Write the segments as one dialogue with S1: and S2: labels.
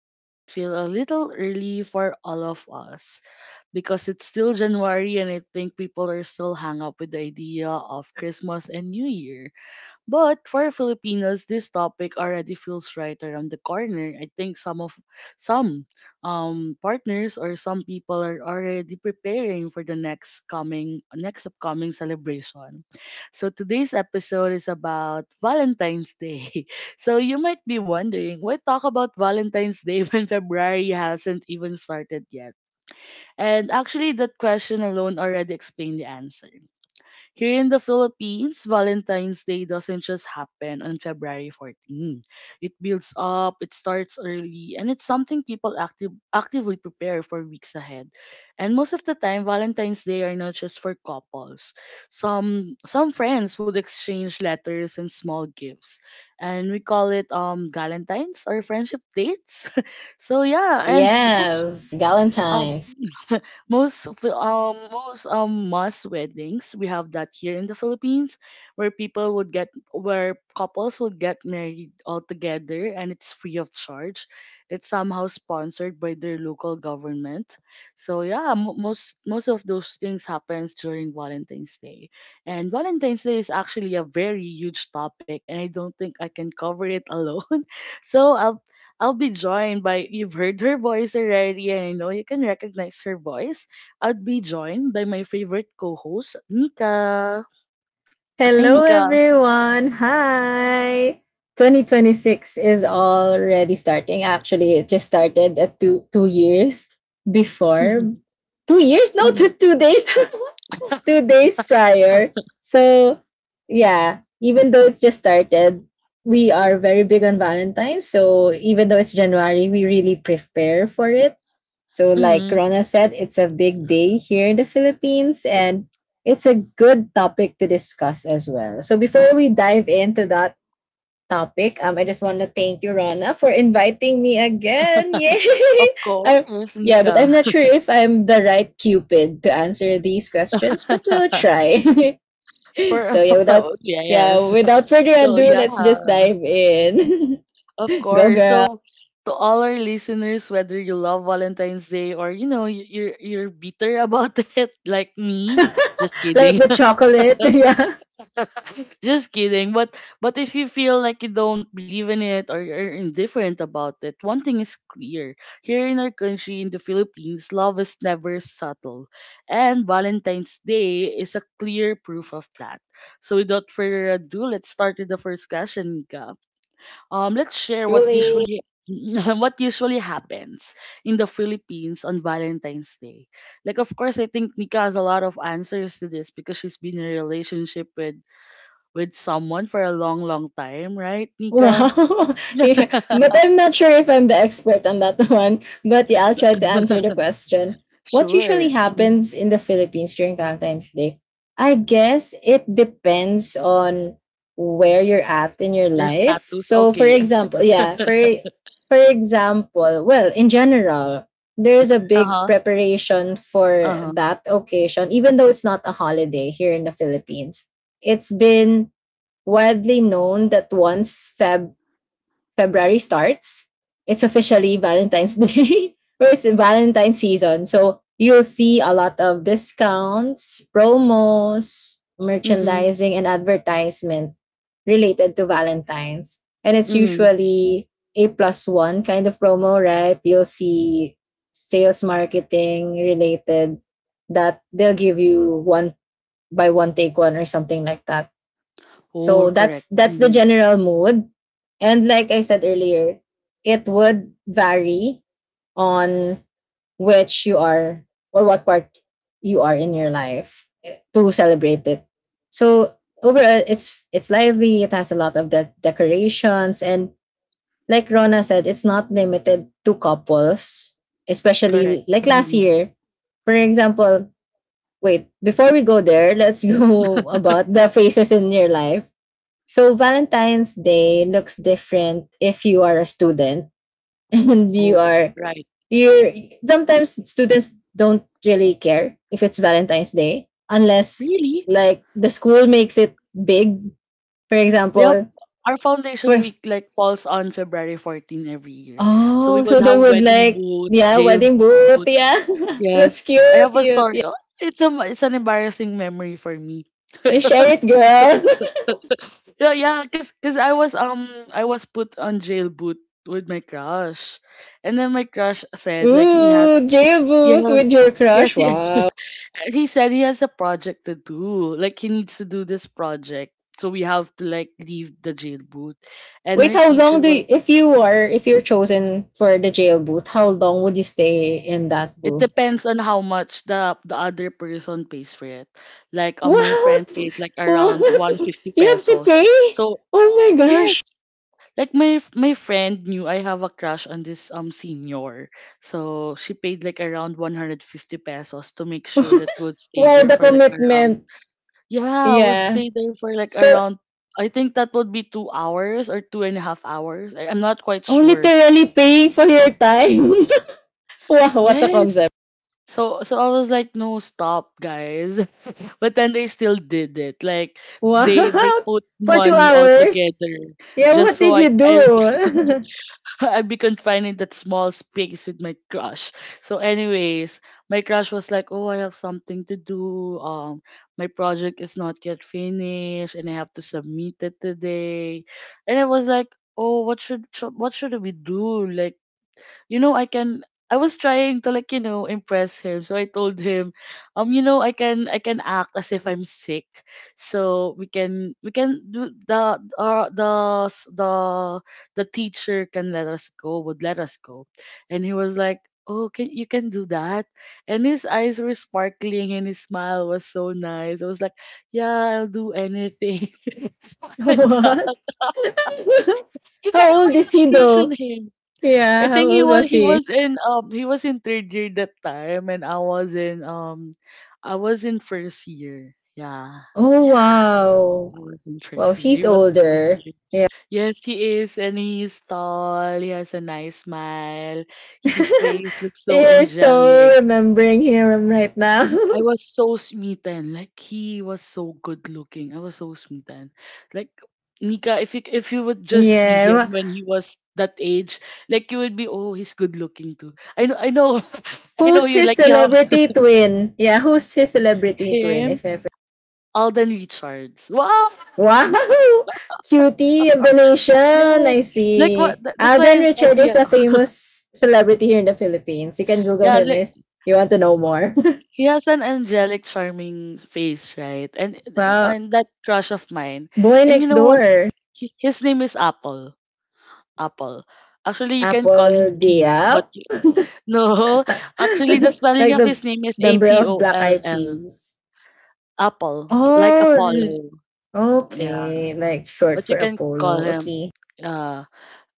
S1: that might feel a little early for all of us because it's still January and I think people are still hung up with the idea of Christmas and New Year. But for Filipinos, this topic already feels right around the corner. I think some partners or some people are already preparing for the next upcoming celebration. So today's episode is about Valentine's Day. So you might be wondering why talk about Valentine's Day when February hasn't even started yet. And actually, that question alone already explained the answer. Here in the Philippines, Valentine's Day doesn't just happen on February 14. It builds up, it starts early, and it's something people actively prepare for weeks ahead. And most of the time, Valentine's Day are not just for couples. Some friends would exchange letters and small gifts, and we call it Galentines or friendship dates. So yeah, and most
S2: Yes,
S1: um
S2: Valentine's.
S1: most of the- most mass weddings we have that here in the Philippines where people would get where couples would get married all together and it's free of charge. It's somehow sponsored by their local government. So yeah, most of those things happens during Valentine's Day. And Valentine's Day is actually a very huge topic and I don't think I can cover it alone. So I'll be joined by, you've heard her voice already, and I know you can recognize her voice. I'd be joined by my favorite co-host, Nika. Hi,
S2: Hello,
S1: Nika.
S2: everyone. Hi. 2026 is already starting. Actually, it just started at two years before. 2 years? No, just 2 days. 2 days prior. So yeah, even though it's just started, we are very big on Valentine's. So even though it's January, we really prepare for it. So like
S1: Hmm.
S2: Rona said, it's a big day here in the Philippines, and it's a good topic to discuss as well. So before we dive into that topic, I just want to thank you, Rona, for inviting me again. Yay!
S1: Of
S2: I
S1: course,
S2: Yeah, but I'm
S1: Nika.
S2: not sure if I'm the right Cupid to answer these questions, but we'll try.
S1: For
S2: So yeah,
S1: yes.
S2: without further
S1: So
S2: ado,
S1: yeah,
S2: let's just dive in.
S1: of
S2: Go
S1: course.
S2: girl.
S1: So to all our listeners, whether you love Valentine's Day or you know you're bitter about it, like me. Just
S2: Like
S1: kidding.
S2: the chocolate. Yeah.
S1: Just kidding. But if you feel like you don't believe in it or you're indifferent about it, one thing is clear. Here in our country, in the Philippines, love is never subtle. And Valentine's Day is a clear proof of that. So without further ado, let's start with the first question, Nika. Let's share what
S2: Truly.
S1: usually what usually happens in the Philippines on Valentine's Day. Like of course I think Nika has a lot of answers to this because she's been in a relationship with someone for a long, long time, right,
S2: Wow.
S1: Nika?
S2: Yeah. But I'm not sure if I'm the expert on that one. But yeah, I'll try to answer the question. What usually
S1: Sure. Mhm.
S2: happens in the Philippines during Valentine's Day? I guess it depends on where you're at in your
S1: Your
S2: life.
S1: status,
S2: So for
S1: okay.
S2: example, yeah, for for example, well, in general, there is a big
S1: Uh-huh.
S2: preparation for
S1: Uh-huh.
S2: that occasion even though it's not a holiday here in the Philippines. It's been widely known that once February starts, it's officially Valentine's Day or it's Valentine's season. So you'll see a lot of discounts, promos,
S1: Mm-hmm.
S2: merchandising, and advertisement related to Valentine's. And it's
S1: Mm-hmm.
S2: usually a plus one kind of promo, right? You'll see sales marketing related, that they'll give you one by one, take one, or something like that.
S1: Oh,
S2: So that's
S1: correct.
S2: that's the
S1: Mm-hmm.
S2: general mood. And like I said earlier, it would vary on which you are or what part you are in your life to celebrate it. So overall, it's lively, it has a lot of the decorations, and like Rona said, it's not limited to couples, especially
S1: Correct.
S2: like last
S1: Mm-hmm.
S2: year. For example, wait, before we go there, let's go about the phases in your life. So Valentine's Day looks different if you are a student and you
S1: Oh,
S2: are
S1: right.
S2: you're sometimes students don't really care if it's Valentine's Day unless
S1: Really?
S2: like the school makes it big. For
S1: We have
S2: example,
S1: our foundation
S2: for
S1: week like falls on February 14 every year. So we
S2: oh,
S1: would
S2: so they
S1: have
S2: would,
S1: wedding
S2: like,
S1: boot,
S2: yeah,
S1: jail
S2: wedding booth,
S1: boot.
S2: yeah. That's
S1: Yes. I
S2: cute,
S1: have a
S2: cute.
S1: story. Oh, it's an embarrassing memory for me.
S2: Yeah. Share it, girl.
S1: Yeah, yeah, cause I was put on jail boot with my crush, and then my crush said like he
S2: Ooh,
S1: has
S2: jail booth with
S1: yes,
S2: your
S1: yes,
S2: crush.
S1: he
S2: Wow.
S1: he said he has a project to do, like he needs to do this project, so we have to like leave the jail boot, and
S2: Wait,
S1: our
S2: how long
S1: teacher was,
S2: if you're chosen for the jail booth, how long would you stay in that
S1: it
S2: booth?
S1: depends on how much the other person pays for it. Like my friend
S2: What?
S1: paid like around one hundred
S2: What?
S1: fifty
S2: You have to
S1: pesos.
S2: pay?
S1: So
S2: Oh my gosh.
S1: yes, like my friend knew I have a crush on this senior. So she paid like around 150 pesos to make sure that would stay
S2: Wow,
S1: there
S2: the
S1: for like around,
S2: commitment.
S1: yeah, I would
S2: Yeah.
S1: stay there for like
S2: So,
S1: around, I think that would be 2 hours or two and a half hours. I'm not quite
S2: oh,
S1: sure.
S2: literally paying for your time. Wow, what a concept.
S1: Yes. So I was like, no, stop, guys. But then they still did it. Like
S2: Wow.
S1: they put
S2: For two
S1: money all
S2: hours?
S1: together
S2: Yeah,
S1: just
S2: what
S1: so
S2: did you
S1: I
S2: do?
S1: I'd be confined in that small space with my crush. So, anyways, my crush was like, "Oh, I have something to do. My project is not yet finished, and I have to submit it today." And I was like, "Oh, what should we do? Like, you know, I can I was trying to like, impress him. So I told him, I can act as if I'm sick. So we can do the s- the teacher can let us go, would let us go." And he was like, "Oh, can you can do that?" And his eyes were sparkling and his smile was so nice. I was like, "Yeah, I'll do anything." It was like that.
S2: What?
S1: Because I
S2: How
S1: have
S2: old
S1: a
S2: is
S1: huge
S2: he
S1: crush on
S2: though?
S1: him. I
S2: Yeah, how
S1: think
S2: old was he?
S1: he was in third year that time and I was in, first year. Yeah.
S2: Oh,
S1: Yeah.
S2: wow.
S1: I was in
S2: Well,
S1: first year.
S2: he's
S1: He was third
S2: older.
S1: year. Yes, he is, and he's tall. He has a nice smile. His face looks so
S2: You're so
S1: angelic.
S2: remembering him right now.
S1: I was so smitten. Like he was so good looking. I was so smitten. Like, Nika, if you would just see
S2: Yeah.
S1: him when he was that age, like you would be, "Oh, he's good looking too." I know, I know,
S2: Who's
S1: you
S2: his
S1: like, you have
S2: celebrity twin? Yeah, who's his celebrity twin,
S1: him,
S2: if ever?
S1: Alden Richards. Wow,
S2: Wow! Cutie Revelation! I
S1: yes. Like what?
S2: see.
S1: That's why
S2: Alden
S1: I said,
S2: Richard is
S1: yeah,
S2: a famous celebrity here in the Philippines. You can Google
S1: yeah.
S2: him
S1: Like
S2: if you want to know more.
S1: he has an angelic, charming face, right? And
S2: Wow.
S1: and that crush of mine.
S2: Boy
S1: And you
S2: Next
S1: know what?
S2: Door.
S1: His name is Apple. Apple. Actually, you can call him
S2: Apple
S1: Kim, but
S2: Diab.
S1: no, actually, the spelling
S2: Like
S1: of
S2: the
S1: his name is A
S2: member
S1: P
S2: of
S1: O
S2: Black
S1: L
S2: Eyed
S1: L,
S2: Peas.
S1: Apple, like
S2: Oh,
S1: Apollo. Yeah,
S2: okay. Like short
S1: but you
S2: for
S1: can call
S2: Apollo.
S1: him
S2: Okay.
S1: uh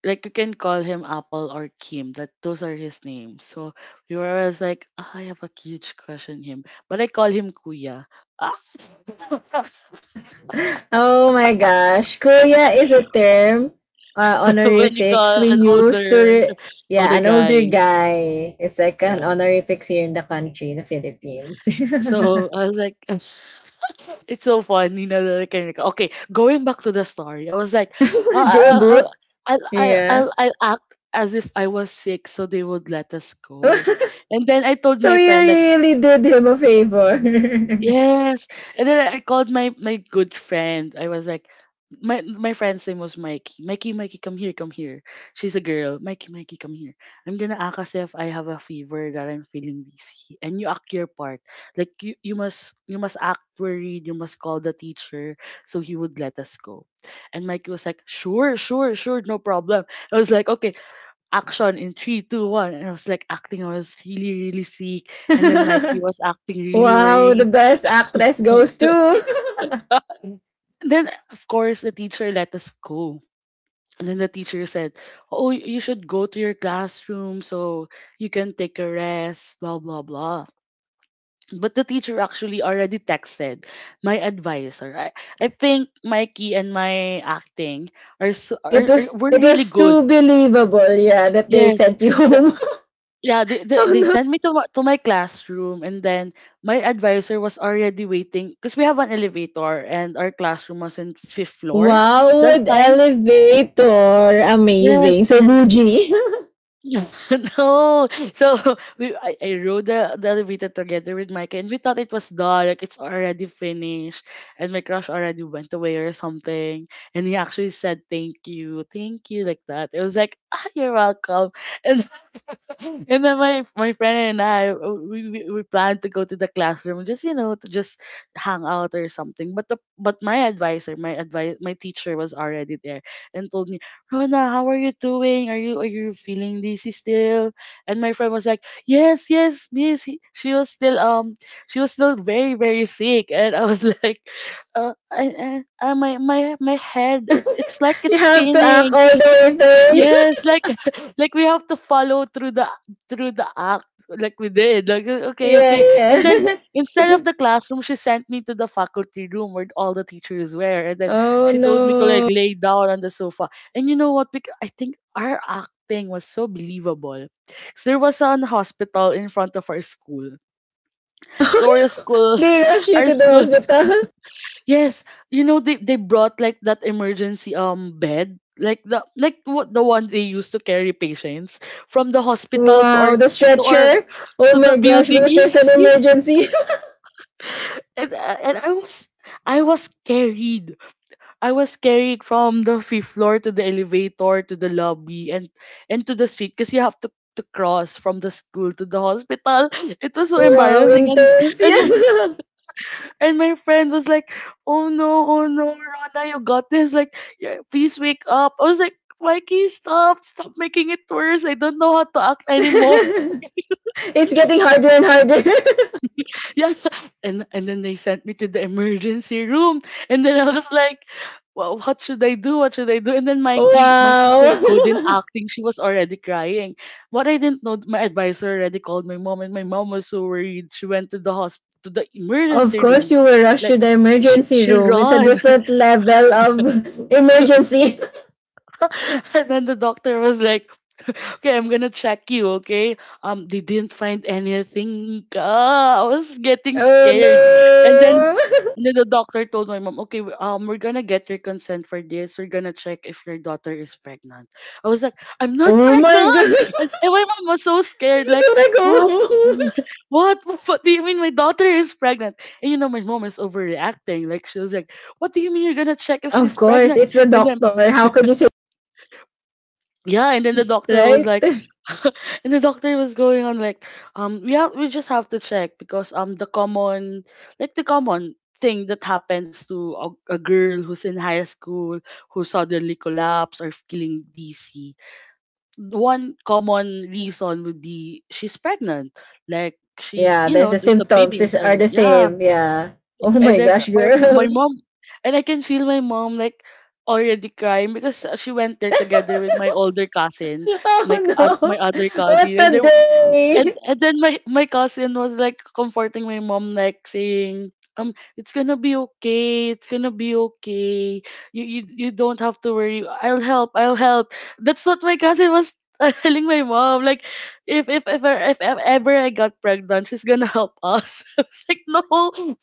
S1: like you can call him Apple or Kim. That those are his names. So we were always like, "Ah, I have a huge crush on him, but I call him Kuya. Ah,"
S2: Oh my gosh. Kuya is a term,
S1: when you
S2: honorifics
S1: call
S2: we
S1: an
S2: use to,
S1: older older
S2: an older
S1: guy,
S2: guy. It's like an
S1: yeah.
S2: honorifics here in the country, in the Philippines.
S1: So I was like. It's so funny now that I can recall. Okay, going back to the story, I was like, "Uh, I'll, I'll,
S2: J-Boot.
S1: I'll, I'll,
S2: Yeah.
S1: I'll, I'll act as if I was sick so they would let us go." And then I told
S2: So
S1: my
S2: you
S1: friend, like,
S2: really did him a favor.
S1: yes. And then I called my good friend. I was like, my friend's name was Mikey. Mikey, Mikey, come here, come here. She's a girl. Mikey, Mikey, come here. I'm gonna act as if I have a fever, that I'm feeling dizzy, and you act your part. Like you must act worried. You must call the teacher so he would let us go. And Mikey was like, "Sure, sure, sure, no problem." I was like, "Okay, action in three, two, one." And I was like acting. I was really really sick, and then Mikey was acting really
S2: Wow, the
S1: worried.
S2: best actress goes to.
S1: And then, of course, the teacher let us go. And then the teacher said, "Oh, you should go to your classroom so you can take a rest, blah, blah, blah." But the teacher actually already texted my advisor. I think Mikey and my acting are, so,
S2: It
S1: are
S2: was
S1: were
S2: it
S1: really
S2: was
S1: good.
S2: too believable, yeah, that they
S1: Yes.
S2: sent you
S1: The,
S2: home.
S1: yeah, they, they,
S2: Oh
S1: they
S2: no.
S1: sent me to my classroom, and then my advisor was already waiting because we have an elevator, and our classroom was in fifth floor
S2: Wow,
S1: that
S2: with
S1: time.
S2: elevator. Amazing.
S1: Yes,
S2: So
S1: yes.
S2: bougie.
S1: No. So I rode the elevator together with Micah and we thought it was dark, it's already finished. And my crush already went away or something. And he actually said thank you like that. It was like, "Ah, you're welcome." And and then my friend and I, we planned to go to the classroom just to just hang out or something, but the but my advisor my advice my teacher was already there and told me, "Rona, how are you doing? Are you feeling dizzy still?" And my friend was like, "Yes, yes, miss, she was still very very sick." And I was like, I my my my head, it's like
S2: You
S1: it's
S2: have to act
S1: spinning.
S2: all the way through.
S1: Yes, like like we have to follow through the act like we did. Like okay,
S2: Yeah,
S1: okay. And then
S2: yeah.
S1: instead of the classroom, she sent me to the faculty room where all the teachers were. And then
S2: Oh
S1: she told me to like
S2: no.
S1: lay down on the sofa. And you know what? Because I think our acting was so believable. So there was an hospital in front of our school. So
S2: Oh,
S1: our
S2: no.
S1: school
S2: They rush you
S1: our
S2: to the
S1: school,
S2: hospital.
S1: yes, you know they brought like that emergency bed, like the, like what the one they used to carry patients from the hospital to our,
S2: Wow, the
S1: to our
S2: stretcher. Oh
S1: to the
S2: my gosh,
S1: building.
S2: because there's an
S1: Yes, yes.
S2: emergency.
S1: And uh, and I was carried. I was carried from the fifth floor to the elevator to the lobby and to the street because you have to cross from the school to the hospital. It was so
S2: Wow,
S1: embarrassing
S2: intense.
S1: and
S2: Yeah.
S1: And my friend was like, "Oh no, oh no, Rana, you got this. Like, yeah, please wake up." I was like, "Mikey, stop making it worse. I don't know how to act anymore."
S2: It's getting harder and harder.
S1: Yeah, and then they sent me to the emergency room, and then I was like, "Well, what should I do? What should I do?" And then Mikey's so
S2: Wow.
S1: good in acting. She was already crying. What I didn't know, my advisor already called my mom, and my mom was so worried. She went to the hospital, to the
S2: Of
S1: emergency
S2: course,
S1: room,
S2: you were rushed
S1: like.
S2: to the
S1: She,
S2: emergency
S1: she
S2: room. It's a
S1: ran.
S2: different level of emergency.
S1: And then the doctor was like, "Okay, I'm gonna check you, okay?" They didn't find anything. Ah, I was getting
S2: Oh
S1: scared. And then
S2: no!
S1: and then the doctor told my mom, "Okay, we're gonna get your consent for this. We're gonna check if your daughter is pregnant." I was like, "I'm not
S2: Oh my
S1: pregnant."
S2: god!
S1: And my mom was so
S2: I
S1: scared,
S2: just
S1: like,
S2: wanna
S1: "What?
S2: go home.
S1: What? What do you mean my daughter is pregnant? And you know, my mom is overreacting." Like, she was like, "What do you mean you're gonna check if
S2: Of
S1: she's
S2: course,
S1: pregnant?"
S2: it's the
S1: And then,
S2: doctor. How could you say,
S1: yeah, and then the doctor was
S2: right?
S1: like, and the doctor was going on like, yeah, we just have to check because the common, like the common thing that happens to a girl who's in high school who suddenly collapse or feeling dizzy, one common reason would be she's pregnant, like, she,
S2: Yeah,
S1: you
S2: there's
S1: know,
S2: the
S1: there's a
S2: symptoms.
S1: baby
S2: These
S1: inside
S2: are
S1: her.
S2: the
S1: Yeah.
S2: same. Yeah. Oh
S1: And
S2: my
S1: then
S2: gosh,
S1: my
S2: girl.
S1: mom, and I can feel my mom like already crying because she went there together with my older cousin, my
S2: Oh
S1: my
S2: no!
S1: other
S2: What
S1: cousin, and
S2: a
S1: there
S2: day!
S1: and then my cousin was like comforting my mom, like saying, "It's gonna be okay. It's gonna be okay. You don't have to worry. I'll help. I'll help." That's what my cousin was telling my mom. Like, if ever I got pregnant, she's gonna help us. I was like, "No,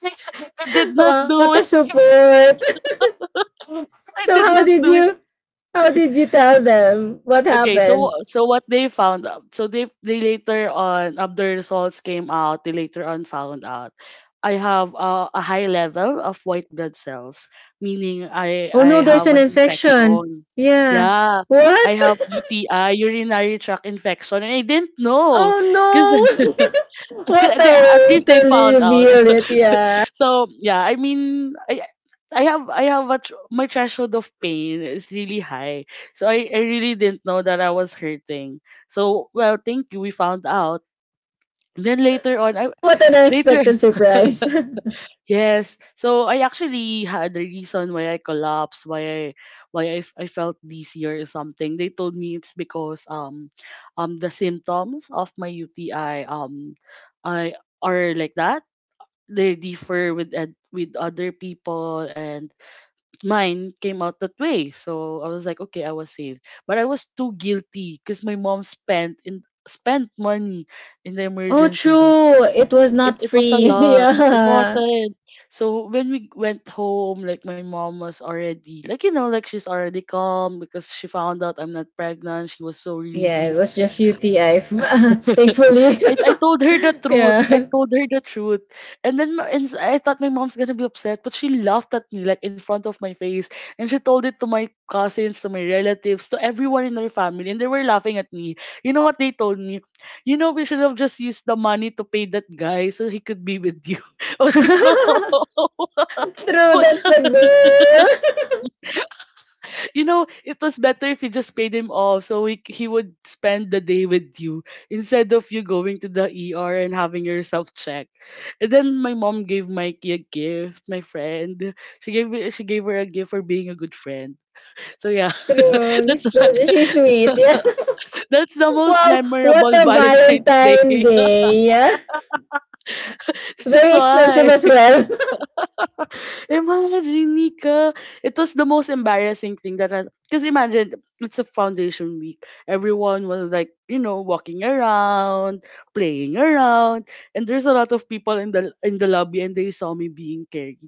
S1: I did not
S2: Wow, what
S1: do
S2: a
S1: it."
S2: support!
S1: I
S2: So
S1: did
S2: how
S1: not
S2: did
S1: do it.
S2: you? How did you tell them what
S1: Okay, so
S2: happened?
S1: what they found out. So they later on, after the results came out, they later on found out I have a high level of white blood cells, meaning I
S2: Oh
S1: I
S2: no, there's
S1: have
S2: an
S1: an
S2: infection.
S1: infection.
S2: Yeah.
S1: Yeah. I
S2: What?
S1: have UTI, urinary tract infection, and I didn't know
S2: Oh
S1: because
S2: no. What a
S1: at least they
S2: way to
S1: found out.
S2: reveal it. Yeah.
S1: So yeah, I have I have a my threshold of pain is really high, so I really didn't know that I was hurting. So, well, thank you. We found out. Then later on, I
S2: What an
S1: later
S2: unexpected surprise.
S1: yes. So I actually had a reason why I collapsed, why I felt dizzier or something. They told me it's because um the symptoms of my UTI, I are like that. They differ with with other people, and mine came out that way. So I was like, "Okay, I was saved." But I was too guilty because my mom spent in spent money in the
S2: Oh,
S1: emergency room.
S2: true. It was
S1: It
S2: not
S1: was a
S2: free.
S1: lot. It
S2: Yeah.
S1: wasn't. So when we went home, like, my mom was already like, you know, like, she's already calm because she found out I'm not pregnant. She was so
S2: Yeah, it
S1: relieved.
S2: was just UTI. Thankfully.
S1: I told her the truth. I
S2: Yeah.
S1: told her the truth. And then my- and I thought my mom's gonna be upset, but she laughed at me, like, in front of my face. And she told it to my cousins, to my relatives, to everyone in her family, and they were laughing at me. You know what they told me? "You know, we should have just used the money to pay that guy so he could be with you." I was like, "No."
S2: True,
S1: What?
S2: that's the girl.
S1: You know, it was better if you just paid him off so he would spend the day with you instead of you going to the ER and having yourself checked. And then my mom gave Mikey a gift, my friend. She gave her a gift for being a good friend. So yeah,
S2: True.
S1: that's
S2: So, she's sweet. Yeah.
S1: that's the most
S2: Wow, what
S1: memorable
S2: a
S1: Valentine's Day.
S2: Valentine Day. Yeah.
S1: That's
S2: Very expensive
S1: why.
S2: as well.
S1: Imagine, Nika. It was the most embarrassing thing that I. Because imagine, it's a foundation week. Everyone was like, you know, walking around, playing around, and there's a lot of people in the lobby, and they saw me being carried.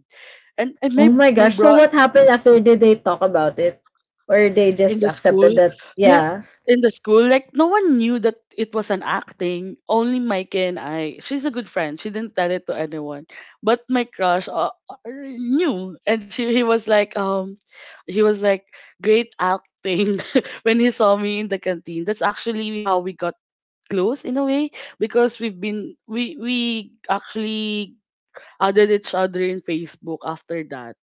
S1: And
S2: Oh
S1: my
S2: my
S1: my
S2: gosh.
S1: bro
S2: So what happened after, did they talk about it? Or they
S1: in
S2: just
S1: the school.
S2: accepted that,
S1: Yeah,
S2: yeah.
S1: in the school, like, no one knew that it was an acting. Only Mike and I. She's a good friend. She didn't tell it to anyone, but my crush knew, and she he was like, he was like "Great acting," when he saw me in the canteen. That's actually how we got close in a way because we've been we actually added each other in Facebook after that.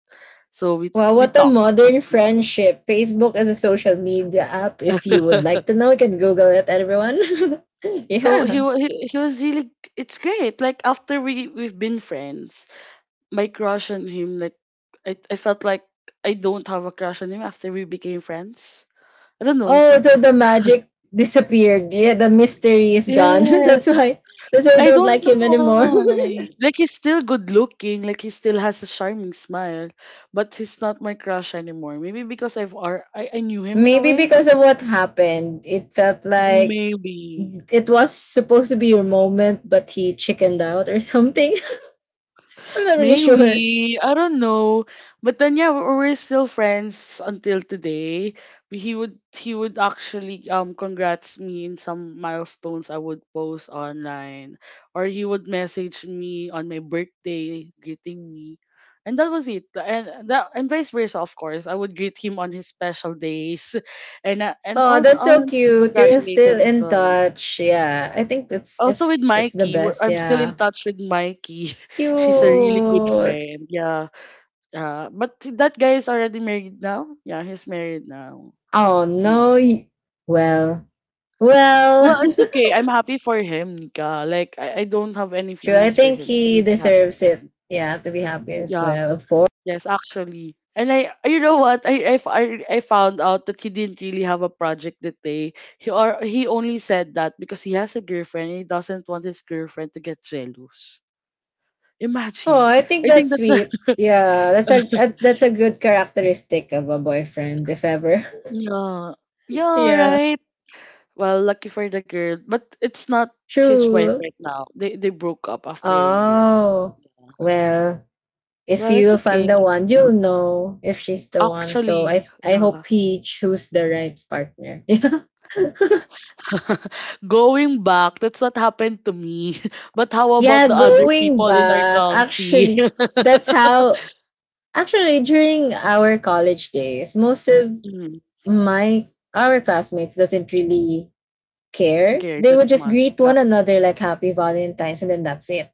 S1: So
S2: Wow,
S1: we
S2: what a
S1: talk.
S2: modern
S1: Yeah.
S2: friendship. Facebook is a social media app. If you would like to know, you can Google it, everyone.
S1: So he,
S2: Yeah.
S1: wa- he was really, it's great. Like, after we've been friends, my crush on him, like, I felt like I don't have a crush on him after we became friends. I don't know.
S2: Oh, so the magic disappeared. Yeah, the mystery is gone.
S1: Yes.
S2: That's why I
S1: I
S2: don't
S1: don't
S2: like
S1: know
S2: him anymore.
S1: why. Like, he's still good looking, like, he still has a charming smile, but he's not my crush anymore. Maybe because I knew him in a
S2: Maybe
S1: way.
S2: because of what happened. It felt like
S1: Maybe.
S2: it was supposed to be your moment, but he chickened out or something. I'm not really sure.
S1: Maybe. I don't know. But then, yeah, we're still friends until today. He would actually congrats me in some milestones I would post online. Or he would message me on my birthday greeting me. And that was it. And that, and vice versa, of course. I would greet him on his special days and
S2: Oh,
S1: all,
S2: that's so
S1: and
S2: cute. You're
S1: congratulate
S2: still
S1: him as
S2: in
S1: well.
S2: touch. Yeah. I think that's
S1: Also with
S2: it's the
S1: Mikey,
S2: best.
S1: I'm still in
S2: Yeah.
S1: touch with Mikey. She's a
S2: Cute.
S1: really good friend. Yeah. Yeah, but that guy is already married now. Yeah, he's married now.
S2: Oh
S1: Mm.
S2: no. Well. Well.
S1: Well, it's okay. I'm happy for him, Nika. Like, I don't have any
S2: True. I
S1: feelings for
S2: think
S1: him, so I'm
S2: he
S1: really happy
S2: deserves
S1: for
S2: it.
S1: him.
S2: Yeah, to be happy as
S1: Yeah.
S2: well, of course.
S1: Yes, actually. And I, you know what? I found out that he didn't really have a project that day. He only said that because he has a girlfriend, and he doesn't want his girlfriend to get jealous.
S2: Oh,
S1: Imagine.
S2: I think
S1: I
S2: that's
S1: think that's a
S2: sweet. Yeah, that's a good characteristic of a boyfriend, if ever.
S1: yeah, yeah,
S2: Yeah.
S1: right. Well, lucky for the girl, but it's not his wife
S2: True.
S1: right now. They broke up after a year.
S2: Oh.
S1: Yeah.
S2: Well, if
S1: Well, it's
S2: you'll find the
S1: okay.
S2: one, you'll know if she's the one. So
S1: Actually,
S2: I hope
S1: yeah.
S2: he choose the right partner. Yeah,
S1: Going back, that's what happened to me. But how about
S2: yeah,
S1: the other
S2: going
S1: people in our
S2: back,
S1: country?
S2: actually, that's how, actually during our college days, most of
S1: Mm,
S2: my our classmates doesn't really care.
S1: care
S2: They
S1: that
S2: would just
S1: much.
S2: greet
S1: Yeah.
S2: one another like happy Valentine's and then that's it.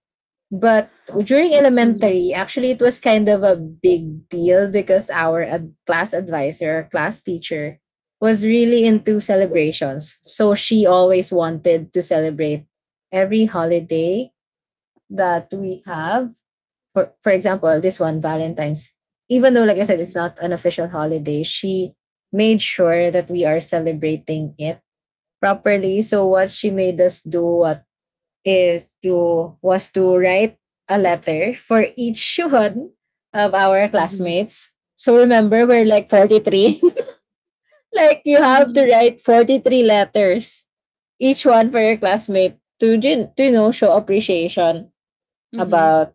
S2: But during
S1: Mm-hmm,
S2: elementary, actually, it was kind of a big deal because our class advisor, class teacher, was really into celebrations. So she always wanted to celebrate every holiday that we have. For example, this one, Valentine's. Even though, like I said, it's
S1: mm-hmm,
S2: not an official holiday, she made sure that we are celebrating it properly. So, what she made us do at is to was to write a letter for each one of our classmates. So remember, we're like 43. Like you have
S1: mm-hmm,
S2: to write 43 letters, each one for your classmate to, show appreciation
S1: mm-hmm,
S2: about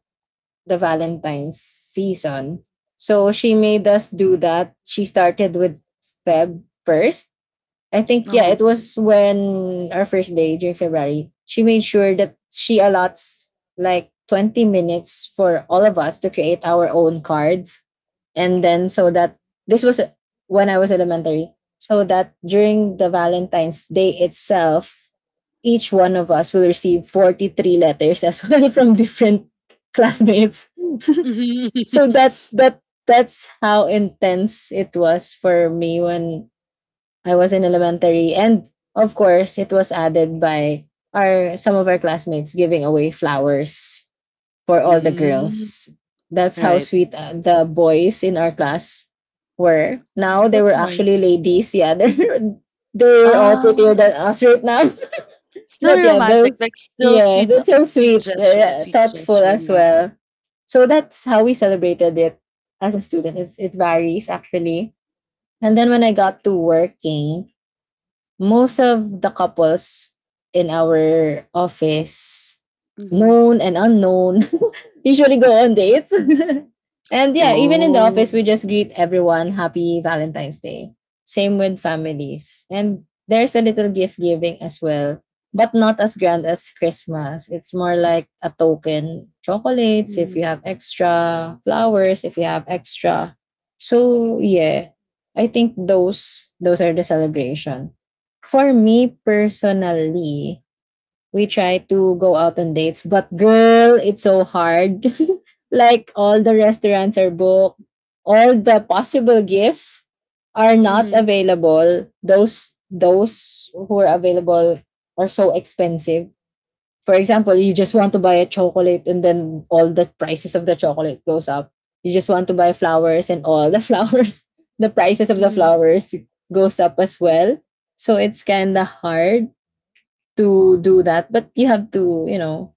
S2: the Valentine's season. So she made us do that. She started with February 1st, I think,
S1: uh
S2: yeah,
S1: huh.
S2: it was when our first day during February. She made sure that she allots like 20 minutes for all of us to create our own cards. And then so that this was when I was elementary. So that during the Valentine's Day itself, each one of us will receive 43 letters as well from different classmates.
S1: Hmm.
S2: So that's how intense it was for me when I was in elementary. And of course, it was added by our some of our classmates giving away flowers for all the
S1: Mm,
S2: girls. That's how
S1: right.
S2: sweet the boys in our class were. Now
S1: Mm,
S2: they were
S1: that's
S2: actually
S1: nice.
S2: ladies. Yeah, they're all
S1: Ah,
S2: prettier than us right now.
S1: still
S2: But yeah,
S1: romantic,
S2: though,
S1: like, still
S2: yes, that's so sweet, yeah,
S1: sweet
S2: thoughtful
S1: gesture
S2: as
S1: na.
S2: well. So that's how we celebrated it as a student. It varies actually. And then when I got to working, most of the couples in our office,
S1: Mhm.
S2: known and unknown, usually go on dates. And yeah, even in the office,
S1: Oh.
S2: we just greet everyone happy Valentine's Day. Same with families. And there's a little gift giving as well, but not as grand as Christmas. It's more like a token chocolates if you
S1: Mhm.
S2: have extra, flowers if you have extra. So yeah, I think those are the celebration. For me personally, we try to go out on dates, but girl, it's so hard. Like all the restaurants are booked, all the possible gifts are not
S1: Mhm.
S2: available. Those who are available are so expensive. For example, you just want to buy a chocolate and then all the prices of the chocolate goes up. You just want to buy flowers and all the flowers, the prices of the
S1: Mhm.
S2: flowers goes up as well. So it's kind of hard to do that, but you have to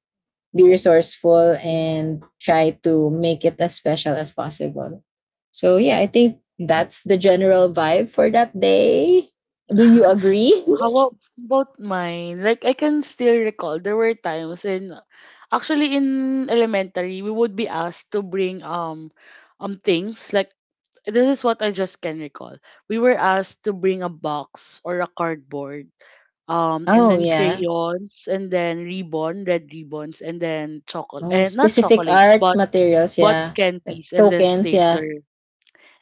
S2: be resourceful and try to make it as special as possible. So yeah, I think that's the general vibe for that day. Do you agree?
S1: About mine? Like, I can still recall there were times in, actually, in elementary, we would be asked to bring um things like, this is what I just can recall. We were asked to bring a box or a cardboard, and
S2: Oh
S1: then
S2: yeah.
S1: crayons, and then ribbon, red ribbons, and then chocolate,
S2: Oh,
S1: and not
S2: specific
S1: chocolates,
S2: art
S1: but
S2: materials,
S1: bought
S2: yeah. Like
S1: candies, and then
S2: tokens, yeah.
S1: stapler.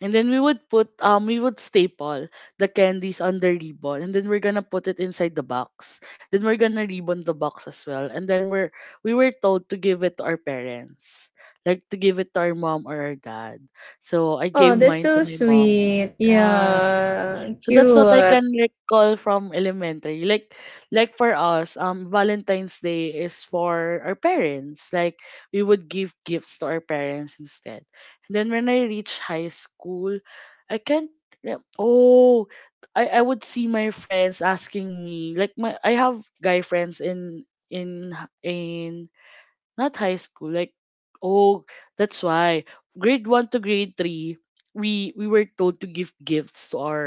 S1: And then we would staple the candies on the ribbon, and then we're gonna put it inside the box. Then we're gonna ribbon the box as well. And then we were told to give it to our parents. Like, to give it to our mom or our dad. So I
S2: Oh,
S1: gave
S2: that's
S1: mine to
S2: so
S1: my mom.
S2: sweet.
S1: Yeah.
S2: Yeah,
S1: So that's what I
S2: cute.
S1: can recall from elementary. Like, for us, Valentine's Day is for our parents. Like, we would give gifts to our parents instead. And then when I reach high school, I can't re- oh I would see my friends asking me like, my I have guy friends in in h- in not high school, like, oh that's why, grade 1 to grade 3, we were told to give gifts to our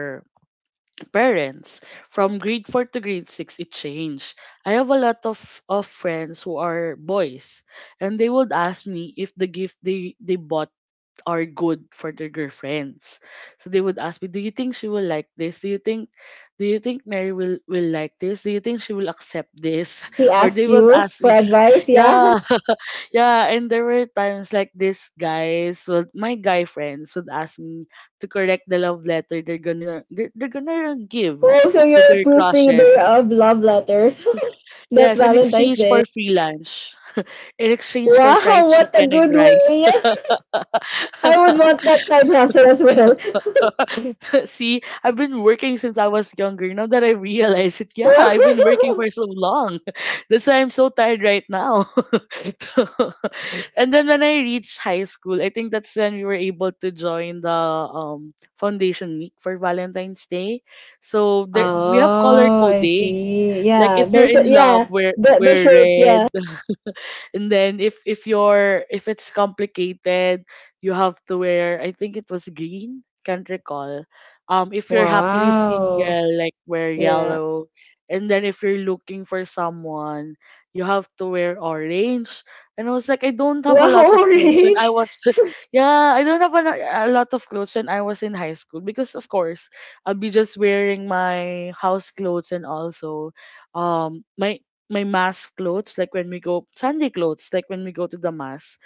S1: parents. From grade 4 to grade 6, it changed. I have a lot of friends who are boys, and they would ask me if the gift they bought are good for their girlfriends. So they would ask me, "Do you think she will like this? Do you think, Mary will like this? Do you think she will accept this?"
S2: He
S1: Or they
S2: asked
S1: would
S2: you
S1: ask
S2: for
S1: me,
S2: advice, yeah.
S1: yeah. Yeah, and there were times like this guys, well, my guy friends would ask me to correct the love letter they're gonna give
S2: Oh, so
S1: to
S2: you're a
S1: their
S2: proofreader
S1: crushes.
S2: of love letters. That
S1: Yes, in
S2: Valentine's
S1: exchange
S2: Day.
S1: for free lunch, in exchange for
S2: Wow,
S1: fried
S2: what a
S1: chicken and
S2: good
S1: rice.
S2: way. I would want that side hustle as well.
S1: See, I've been working since I was younger. Now that I realize it, yeah, I've been working
S2: Wow.
S1: for so long. That's why I'm so tired right now. So, and then when I reached high school, I think that's when we were able to join the foundation week for Valentine's Day. So there we have color
S2: Oh, I
S1: coding.
S2: see.
S1: Like
S2: Yeah,
S1: if you're
S2: there's
S1: in
S2: a,
S1: love,
S2: yeah,
S1: wear
S2: the
S1: wear
S2: shirt, yeah.
S1: red, and then if you're if it's complicated, you have to wear, I think it was green, can't recall. If you're happily
S2: Wow.
S1: single, like wear
S2: Yeah.
S1: yellow, and then if you're looking for someone, you have to wear orange. And I was like, I don't have a
S2: Wow,
S1: lot of clothes when I
S2: orange.
S1: was yeah, I don't have a, a lot of clothes when I was in high school, because of course I'll be just wearing my house clothes, and also my my mass clothes, like when we go Sunday clothes, like when we go to the mass,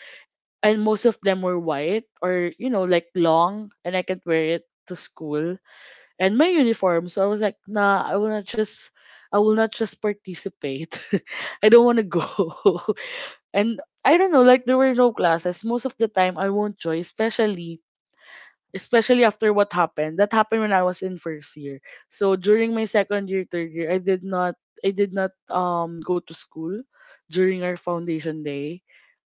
S1: and most of them were white or, you know, like long, and I can't wear it to school and my uniform. So I was like, nah, I will not just participate. I don't want to go. And I don't know, like there were no classes most of the time. I won't join, especially especially after what happened. That happened when I was in first year. So during my second year, third year, I did not go to school during our foundation day.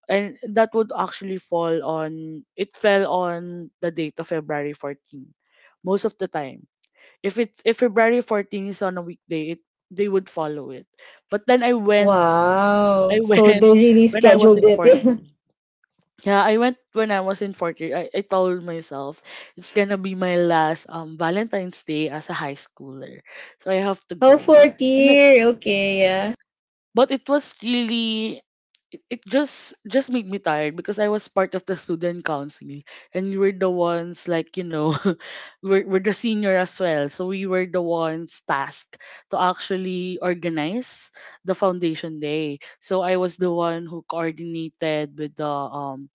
S1: And that would actually fall on it fell on the date of February 14 most of the time. If February 14 is on a weekday, it they would follow it. But then I went.
S2: Wow.
S1: I
S2: So
S1: went
S2: they really
S1: when I was
S2: scheduled
S1: in
S2: it.
S1: fourth year. Yeah, I went when I was in fourth year. I told myself it's gonna be my last Valentine's Day as a high schooler, so I have to
S2: Oh,
S1: go.
S2: fourth
S1: And it,
S2: year. Okay, yeah.
S1: but it was really it just made me tired, because I was part of the student council, and we were the ones, like, you know, we're the senior as well, so we were the ones tasked to actually organize the foundation day. So I was the one who coordinated with the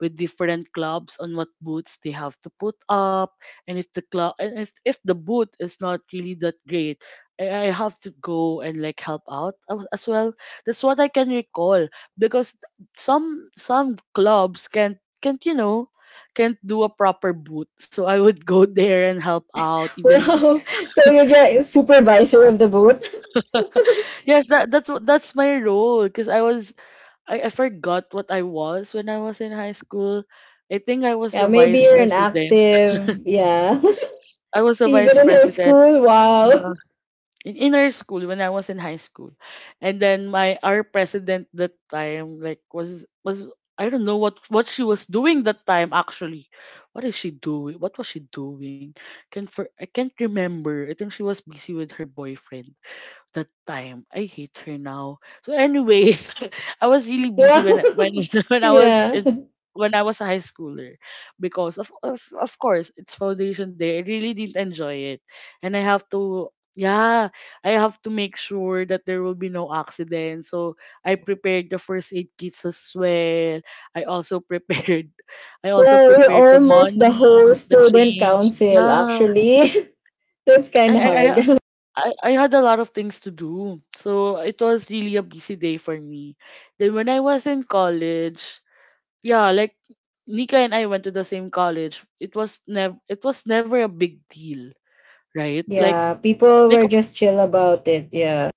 S1: with different clubs on what boots they have to put up. And if, the boot is not really that great, I have to go and like help out as well. That's what I can recall, because some clubs can't, you know, can't do a proper boot, so I would go there and help out even.
S2: Wow. So you're just supervisor of the booth.
S1: Yes, that's my role, because I was I forgot what I was when I was in high school. I think I was
S2: Yeah,
S1: the
S2: maybe
S1: vice
S2: you're an
S1: president.
S2: active. Yeah.
S1: I was the vice
S2: Even in her
S1: president,
S2: school.
S1: uh,
S2: Wow.
S1: in inner school when I was in high school. And then my our president that time, like, was, I don't know what she was doing that time actually. What is she doing? What was she doing? Can for I can't remember. I think she was busy with her boyfriend that time. I hate her now. So anyways, I was really busy when when
S2: Wow.
S1: when I was
S2: Yeah.
S1: in, when I was a high schooler, because of, of course it's foundation day. I really didn't enjoy it. And I have to, yeah, I have to make sure that there will be no accident. So I prepared the first aid kits as well. I also prepared I also
S2: Well, you're
S1: prepared the
S2: almost the
S1: money,
S2: whole
S1: the
S2: student
S1: change.
S2: council,
S1: Yeah.
S2: actually. That's
S1: I
S2: kind
S1: I
S2: of
S1: I
S2: hard.
S1: I had a lot of things to do. So it was really a busy day for me. Then when I was in college, yeah, like Nika and I went to the same college. It was never a big deal, right?
S2: Yeah, people
S1: Like
S2: were just chill about it. Yeah.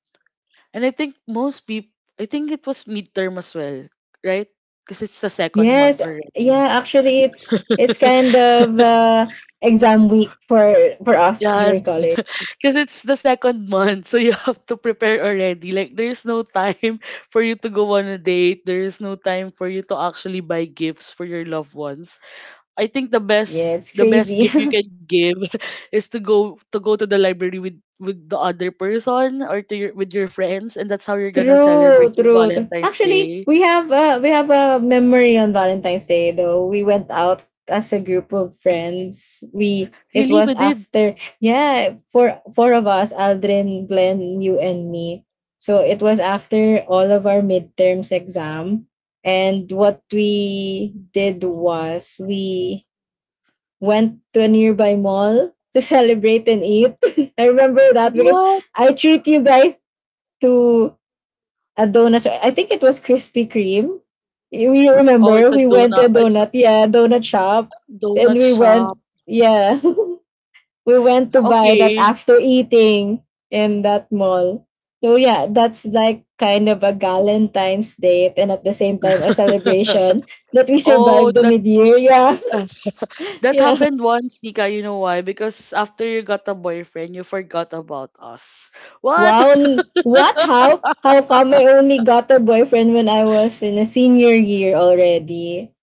S1: and I think most people, I think it was midterm as well, right? Because it's the second
S2: Yes,
S1: month
S2: yeah,
S1: already.
S2: actually it's it's kind of exam week for us during
S1: Yes.
S2: college.
S1: Because it's the second month, so you have to prepare already. Like, there's no time for you to go on a date. There's no time for you to actually buy gifts for your loved ones. I think
S2: Yeah, it's
S1: the best
S2: crazy.
S1: gift you can give is to go to the library with the other person or to your with your friends, and that's how you're gonna celebrate
S2: True,
S1: your
S2: true, true.
S1: Valentine's
S2: Actually,
S1: Day.
S2: we have a memory on Valentine's Day though. We went out as a group of friends. We It
S1: Really,
S2: was
S1: we did
S2: after, yeah, four of us, Aldrin, Glenn, you and me. So it was after all of our midterms exam. And what we did was we went to a nearby mall to celebrate and eat. I remember that because
S1: what?
S2: I treat you guys to a donut. I think it was Krispy Kreme. We
S1: Oh,
S2: remember
S1: it's a
S2: we went to a
S1: donut. It's a
S2: donut, yeah, donut shop, and
S1: donut
S2: we went,
S1: shop.
S2: yeah, we went to buy that
S1: Okay.
S2: after eating in that mall. So yeah, that's like kind of a Valentine's date, and at the same time a celebration that we
S1: Oh,
S2: survived the
S1: that
S2: mid year. Yeah,
S1: that
S2: yeah.
S1: happened once, Nika. You know why? Because after you got a boyfriend, you forgot about us. What?
S2: Wow! What? How? How come I only got a boyfriend when I was in a senior year already?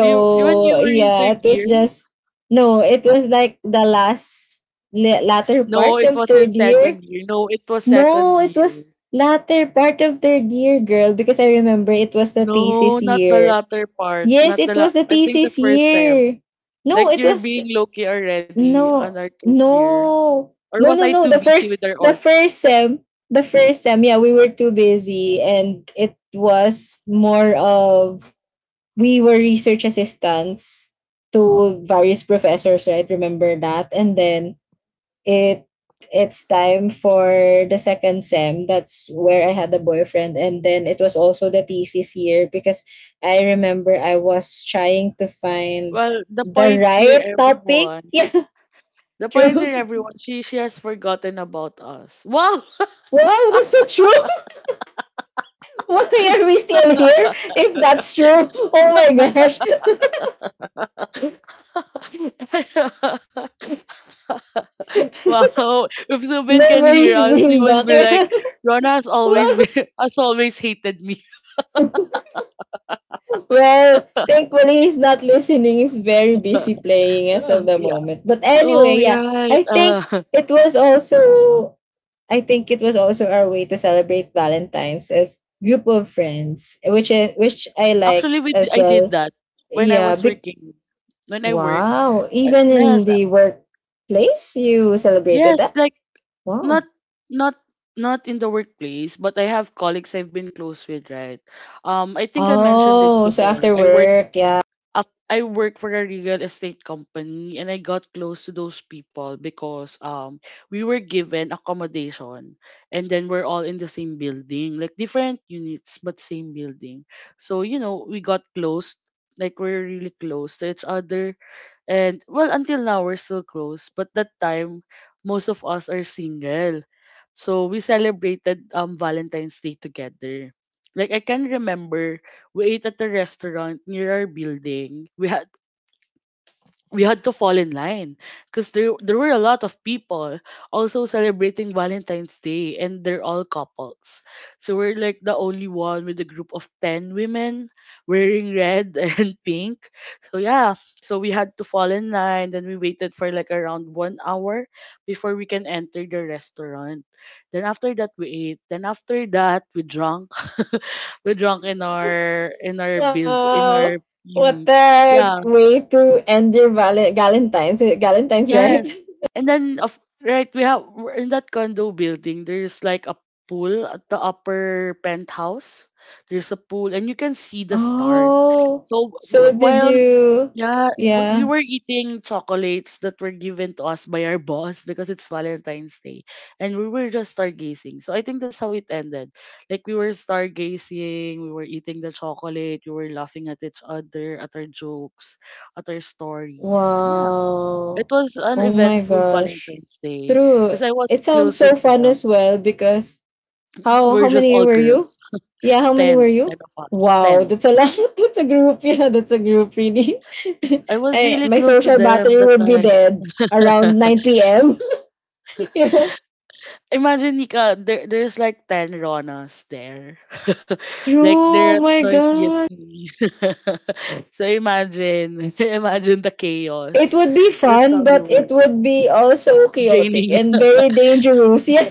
S1: You when you were in
S2: yeah,
S1: third
S2: it
S1: year?
S2: was just no. It was like the last latter
S1: No,
S2: part
S1: it
S2: of
S1: was in
S2: third
S1: second
S2: year.
S1: year. No, it was second
S2: No, it
S1: year.
S2: was latter part of third year, girl. Because I remember it was the
S1: No,
S2: thesis
S1: not the
S2: year.
S1: latter part.
S2: Yes,
S1: Not
S2: it
S1: the
S2: was
S1: la-
S2: the
S1: I think the
S2: thesis
S1: first sem.
S2: year. No,
S1: Like
S2: it
S1: you're
S2: was
S1: being low-key already on
S2: No,
S1: our third year.
S2: no,
S1: Or
S2: no,
S1: was
S2: no,
S1: I
S2: no.
S1: too
S2: The
S1: busy
S2: first,
S1: with our
S2: the
S1: org?
S2: first sem, the first sem. Yeah, we were too busy, and it was more of we were research assistants to various professors. Right, remember that, and then it it's time for the second sem. That's where I had a boyfriend, and then it was also the thesis year because I remember I was trying to find
S1: Well, the
S2: the
S1: point here,
S2: right topic.
S1: everyone.
S2: Yeah,
S1: The point here,
S2: true.
S1: everyone. She has forgotten about us. Wow.
S2: Wow, that's so true. Why are we still here? If that's true, oh my gosh.
S1: Wow. If Zubin can hear
S2: Memories
S1: us, he
S2: bring
S1: would
S2: back.
S1: be like, Rona has always
S2: Wow.
S1: been has always hated me.
S2: Well, thankfully he's not listening. He's very busy playing as of the
S1: Yeah.
S2: moment. But
S1: Oh,
S2: anyway,
S1: you're
S2: yeah,
S1: right.
S2: I think it was also I think it was also our way to celebrate Valentine's as group of friends, which I like
S1: Actually,
S2: as
S1: I did
S2: well.
S1: that when I
S2: Yeah,
S1: was working. When I work,
S2: Wow. Even
S1: yes,
S2: in the workplace, you celebrated
S1: yes,
S2: that?
S1: like not
S2: Wow.
S1: not not in the workplace, but I have colleagues I've been close with, right? I think I mentioned this
S2: Oh, so
S1: before.
S2: after
S1: I work
S2: work, yeah.
S1: I work for a real estate company, and I got close to those people because we were given accommodation, and then we're all in the same building, like different units but same building. So, you know, we got close, like we're really close to each other, and well, until now, we're still close. But that time, most of us are single. So we celebrated Valentine's Day together. Like I can remember, we ate at a restaurant near our building. We had to fall in line, because there were a lot of people also celebrating Valentine's Day, and they're all couples. So we're like the only one with a group of 10 women wearing red and pink. So yeah, so we had to fall in line, then we waited for like around 1 hour before we can enter the restaurant. Then after that we ate. Then after that we drank. We drank in our build in our
S2: Wow. What
S1: mm,
S2: the
S1: yeah.
S2: way to end your Valentine's? Valentine's, right?
S1: Yes. And then of, right, we have, we're in that condo building, there's like a pool at the upper penthouse. There's a pool and you can see the stars.
S2: Oh.
S1: So we,
S2: So did
S1: while,
S2: you?
S1: yeah, we
S2: Yeah.
S1: were eating chocolates that were given to us by our boss because it's Valentine's Day. And we were just stargazing. So I think that's how it ended. Like we were stargazing, we were eating the chocolate, we were laughing at each other, at our jokes, at our stories. And yeah, it
S2: Wow.
S1: was an
S2: Oh my
S1: eventful
S2: gosh.
S1: Valentine's Day
S2: True.
S1: because I was
S2: It sounds
S1: close
S2: so
S1: with
S2: fun
S1: them.
S2: as well because. How
S1: We're
S2: how
S1: just
S2: many
S1: all
S2: were you?
S1: girls,
S2: Yeah, how many were
S1: 10
S2: you?
S1: of us,
S2: Wow,
S1: 10.
S2: that's a lot. That's a group. Yeah, that's a group really.
S1: I was really
S2: My
S1: close to
S2: social
S1: them
S2: battery
S1: that
S2: would be
S1: time.
S2: dead around 9 p.m. yeah.
S1: Imagine, Nika, there's like 10 Ronas there.
S2: True.
S1: Like,
S2: Oh
S1: they're as
S2: my
S1: noisy as
S2: god.
S1: me. So imagine, imagine the
S2: It
S1: chaos.
S2: would be
S1: That's
S2: fun,
S1: how we
S2: but it
S1: were
S2: would be also chaotic
S1: draining.
S2: and very dangerous. Yeah.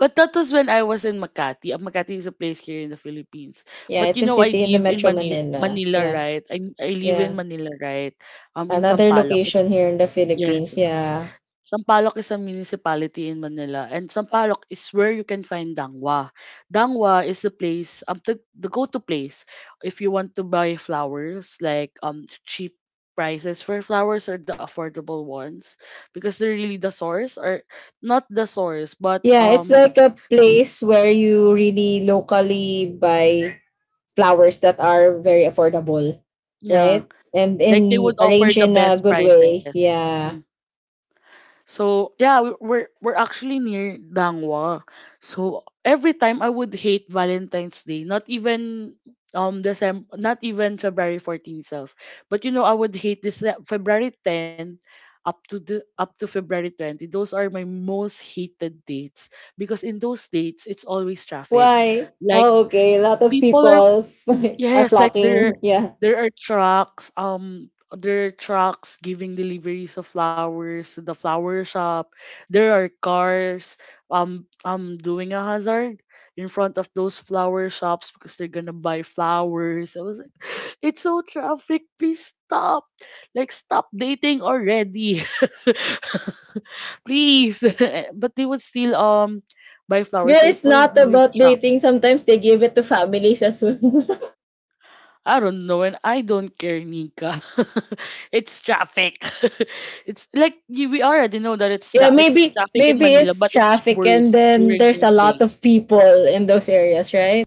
S1: But that was when I was in Makati. Makati is a place here in the Philippines.
S2: Yeah,
S1: But
S2: it's
S1: you
S2: a
S1: know, I
S2: city in the
S1: live in
S2: Metro
S1: Manila,
S2: Manila. Yeah.
S1: Right? I live in
S2: Yeah.
S1: Manila, right? In
S2: Another
S1: Sampaloc. It-
S2: location here in the Philippines.
S1: Yes.
S2: Yeah.
S1: Sampaloc is a municipality in Manila. And Sampaloc is where you can find Dangwa. Dangwa is the place, the go-to place if you want to buy flowers, like cheap prices for flowers, or the affordable ones, because they're really the source, or not the source, but
S2: Yeah, it's like a place where you really locally buy flowers that are very affordable,
S1: yeah.
S2: right? And
S1: Like they
S2: in
S1: would offer
S2: arrange
S1: the
S2: in a
S1: best
S2: good way.
S1: prices. Mhm.
S2: Yeah.
S1: So yeah, we're actually near Dangwa. So every time I would hate Valentine's Day, not even December, not even February 14 itself. But you know, I would hate this February 10 up to February 20. Those are my most hated dates because in those dates it's always traffic.
S2: Why?
S1: Like
S2: Oh, okay. A lot of
S1: people,
S2: people are
S1: yes, like
S2: flocking. Yeah.
S1: there are trucks giving deliveries of flowers to the flower shop. There are cars doing a hazard in front of those flower shops because they're gonna buy flowers. I was like, it's so traffic, please stop. Like stop dating already. Please. But they would still buy
S2: Girl,
S1: flowers, so it
S2: it's
S1: was
S2: not
S1: really
S2: about
S1: traffic.
S2: dating. Sometimes they give it to families as well.
S1: I don't know, and I don't care, Nika. It's traffic. It's like we already know that
S2: Yeah,
S1: it's
S2: maybe
S1: traffic in
S2: maybe
S1: Manila,
S2: it's
S1: but it's
S2: traffic and
S1: worse
S2: then
S1: during
S2: there's a
S1: those
S2: lot of
S1: days.
S2: people in those areas, right?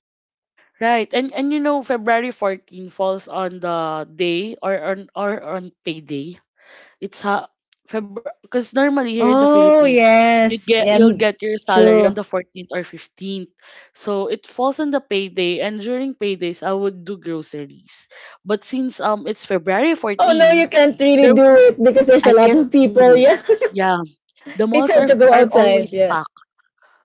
S1: Right. And you know February 14 falls on the day or on payday. It's ha February, because normally here in the
S2: Oh,
S1: Philippines, you
S2: yes.
S1: get you'll
S2: And
S1: get your salary on
S2: true.
S1: the 14th or 15th. So it falls on the payday, and during paydays I would do groceries. But since it's February
S2: Oh no, you
S1: 14,
S2: can't really
S1: there
S2: do it because there's
S1: I
S2: a lot
S1: can't
S2: of
S1: do
S2: people.
S1: it.
S2: Yeah.
S1: Yeah, the
S2: It's
S1: malls are
S2: hard to go
S1: are always
S2: outside. Yeah.
S1: packed.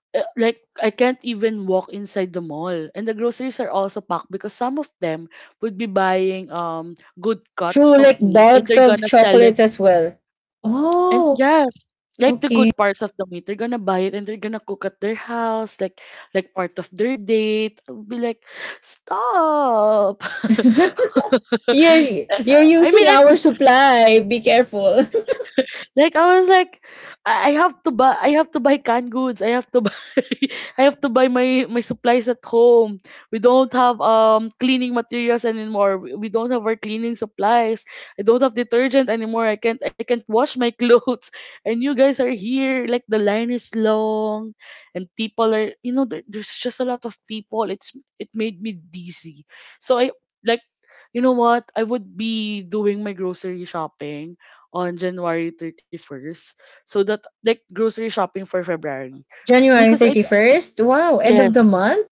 S1: Like I can't even walk inside the mall. And the groceries are also packed because some of them would be buying good cuts
S2: True,
S1: of
S2: like
S1: meat and
S2: bulks
S1: they're
S2: of
S1: gonna sell it.
S2: chocolates as well.
S1: And
S2: Oh,
S1: yes, like the
S2: okay.
S1: good parts of the meat, they're gonna buy it and they're gonna cook at their house, like part of their date. I'll be like, stop.
S2: You're
S1: And,
S2: you're using
S1: I'm
S2: our supply. Be careful.
S1: like I was like, I have to buy, I have to buy canned goods. I have to buy, I have to buy my supplies at home. We don't have cleaning materials anymore. We don't have our cleaning supplies. I don't have detergent anymore. I can't wash my clothes. And you guys are here. Like the line is long, and people are there's just a lot of people. It made me dizzy. So I like you know what? I would be doing my grocery shopping on January 31st. So that like grocery shopping for February.
S2: January
S1: Because I
S2: 31st, wow, end of the
S1: Yes.
S2: month?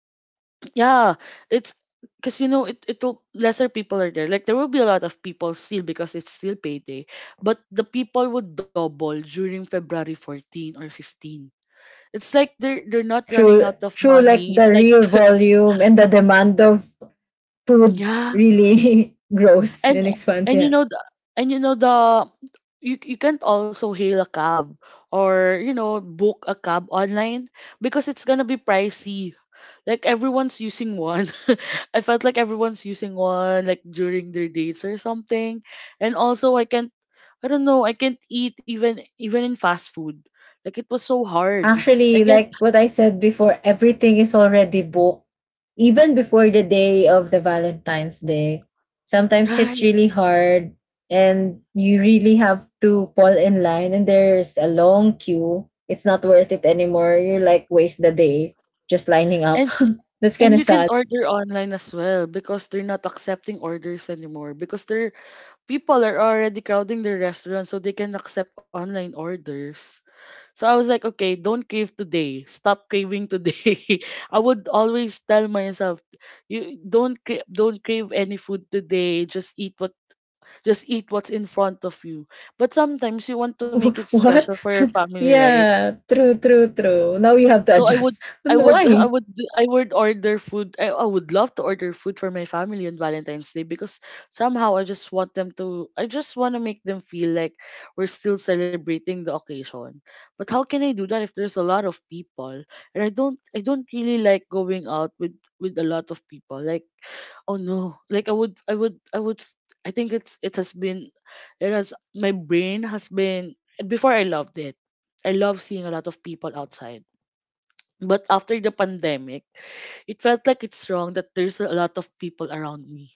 S1: Yeah. It's Because you know it it'll lesser people are there. Like there will be a lot of people still because it's still payday. But the people would double during February 14 or 15. It's like they're
S2: Oh,
S1: not running
S2: true,
S1: out of
S2: true. Like
S1: money. It's
S2: the
S1: like
S2: real volume and the demand of food
S1: yeah,
S2: really grows
S1: and
S2: and expands.
S1: and you
S2: Yeah.
S1: know the, and you know the you you can't also hail a cab or you know book a cab online because it's gonna be pricey, like everyone's using one. I felt like everyone's using one like during their dates or something. And also I can't I don't know I can't eat even in fast food. Like it was so hard. I
S2: Actually,
S1: can't
S2: like what I said before, everything is already booked. Even before the day of the Valentine's Day, sometimes it's
S1: Right.
S2: really hard and you really have to fall in line and there's a long queue. It's not worth it anymore. You're like waste the day just lining up.
S1: and
S2: That's kind
S1: And
S2: of
S1: you
S2: sad.
S1: can't order online as well because they're not accepting orders anymore because they're people are already crowding the restaurant, so they can accept online orders. So I was like, okay, don't crave today. Stop craving today. I would always tell myself, you don't cra- don't crave any food today. Just eat what's in front of you. But sometimes you want to make it
S2: What?
S1: special for your family, right?
S2: Yeah, true, true, true. Now you have to
S1: So I would
S2: adjust.
S1: I would
S2: Why?
S1: I would order food. I would love to order food for my family on Valentine's Day because somehow I just want to make them feel like we're still celebrating the occasion. But how can I do that if there's a lot of people, and I don't really like going out with a lot of people. Like oh no, like I would I think it's it has been it has my brain has been before I loved it. I love seeing a lot of people outside, but after the pandemic, it felt like it's wrong that there's a lot of people around me.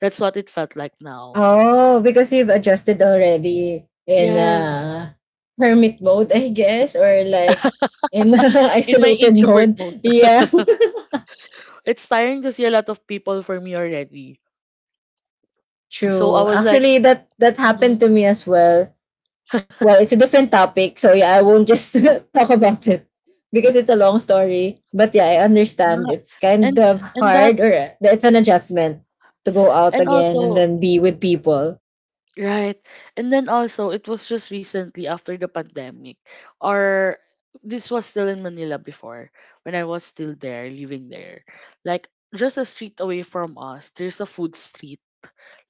S1: That's what it felt like now.
S2: Oh, because you've adjusted already in
S1: Yes.
S2: hermit mode, I guess, or like in
S1: In my
S2: isolated
S1: introvert
S2: mode.
S1: mode.
S2: Yeah.
S1: It's tiring to see a lot of people for me already. So I
S2: True.
S1: was like,
S2: Actually, that happened
S1: mm
S2: to me as well. Well, it's a different topic, so yeah, I won't just talk about it because it's a long story. But yeah, I understand. It's kind
S1: and
S2: of
S1: and that
S2: hard or it's an adjustment to go out
S1: and
S2: again and
S1: also
S2: then be with people.
S1: right. And then also it was just recently after the pandemic, or this was still in Manila before, when I was still there, living there. Like just a street away from us, there's a food street,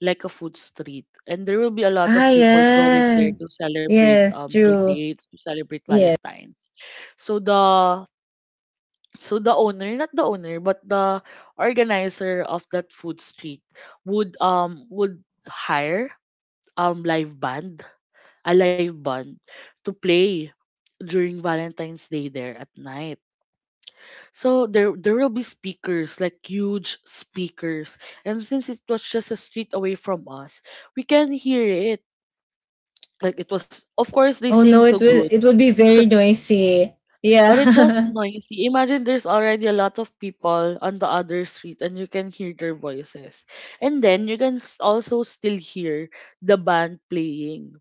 S1: like a food street. And there will be a lot
S2: Ah,
S1: of people going
S2: yeah.
S1: there to celebrate
S2: Yes,
S1: their
S2: true.
S1: dates, to celebrate
S2: Yeah.
S1: Valentine's. So the so the owner, not the owner, but the organizer of that food street would hire live band, a live band to play during Valentine's Day there at night. So there will be speakers, like huge speakers. And since it was just a street away from us, we can hear it. Like it was of course they
S2: Oh
S1: sing
S2: no,
S1: so
S2: it
S1: good,
S2: will it will be very noisy.
S1: but it was
S2: Yeah.
S1: noisy. Imagine there's already a lot of people on the other street and you can hear their voices. And then you can also still hear the band playing.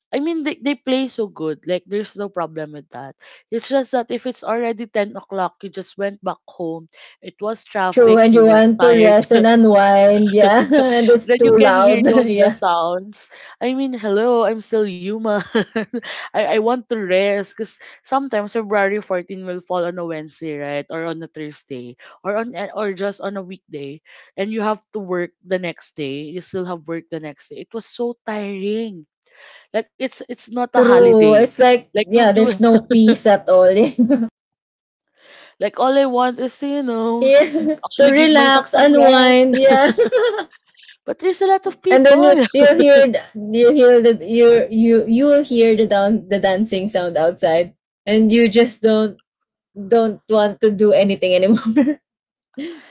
S1: I mean they play so good. Like there's no problem with that. It's just that if it's already 10 o'clock, you just went back home. It was
S2: True.
S1: traffic,
S2: And
S1: you
S2: you
S1: were
S2: want to
S1: tired.
S2: rest and unwind. Yeah. And it's
S1: That you
S2: too
S1: can hear
S2: loud.
S1: those the
S2: yeah.
S1: sounds. I mean, hello, I'm still human. I want to rest because sometimes February 14 will fall on a Wednesday, right? Or on a Thursday. Or on a- or just on a weekday. And you have to work the next day. You still have work the next day. It was so tiring. Like it's not a
S2: True.
S1: holiday.
S2: It's like,
S1: Like you
S2: yeah,
S1: you
S2: there's no peace at all.
S1: like all I want is to, you know,
S2: Yeah. To
S1: actually give myself
S2: relax,
S1: some rest.
S2: unwind, yeah.
S1: But there's a lot of
S2: And then
S1: people.
S2: you will hear the down the dancing sound outside and you just don't want to do anything anymore.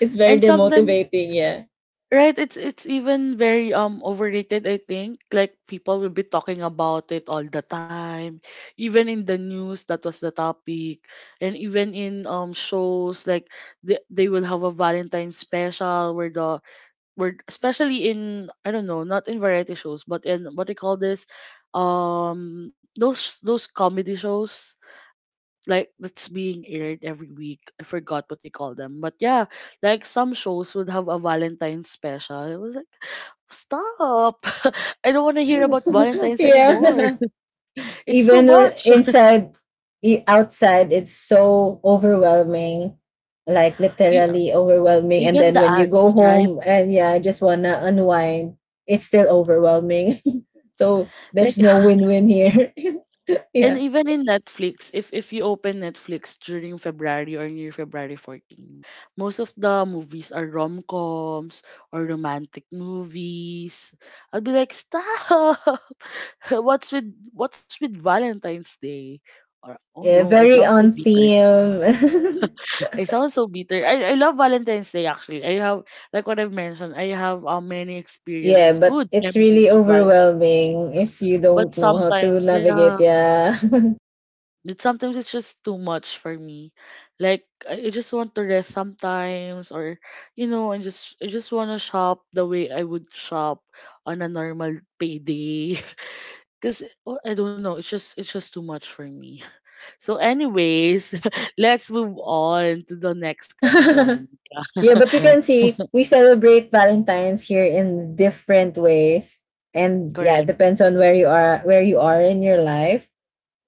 S2: It's very
S1: And sometimes
S2: demotivating, yeah.
S1: right, it's even very overrated, I think. Like people will be talking about it all the time. Even in the news, that was the topic. And even in shows, like they will have a Valentine special where the where especially in I don't know, not in variety shows, but in what they call this those comedy shows like that's being aired every week. I forgot what they call them. But yeah, like some shows would have a Valentine's special. It was like, stop. I don't want to hear about Valentine's anymore.
S2: yeah.
S1: It's too
S2: Even when
S1: much.
S2: inside outside it's so overwhelming, like
S1: You,
S2: literally overwhelming, and
S1: even
S2: then
S1: the
S2: when you go
S1: ads, right?
S2: home and, yeah, just wanna unwind it's still overwhelming. So there's
S1: Like
S2: no win-win here.
S1: and
S2: Yeah.
S1: even in Netflix, if you open Netflix during February or near February 14, most of the movies are rom-coms or romantic movies. I would be like, stop. What's with what's with Valentine's Day? Or oh
S2: Yeah,
S1: no, I
S2: very
S1: sound so
S2: on
S1: bitter.
S2: theme.
S1: I sound so bitter. I love Valentine's Day actually. I have like what I've mentioned, I have many
S2: Yeah,
S1: experiences,
S2: but
S1: good
S2: it's really
S1: memories with Valentine's Day.
S2: overwhelming if you
S1: But
S2: don't know how to
S1: sometimes, yeah,
S2: navigate. Yeah.
S1: sometimes it's just too much for me. Like I just want to rest sometimes, or you know, I just want to shop the way I would shop on a normal payday. Cause oh, I don't know, it's just too much for me. So, anyways, let's move on to the next question.
S2: Yeah, but you can see we celebrate Valentine's here in different ways. And yeah, it
S1: Correct.
S2: depends on where you are in your life.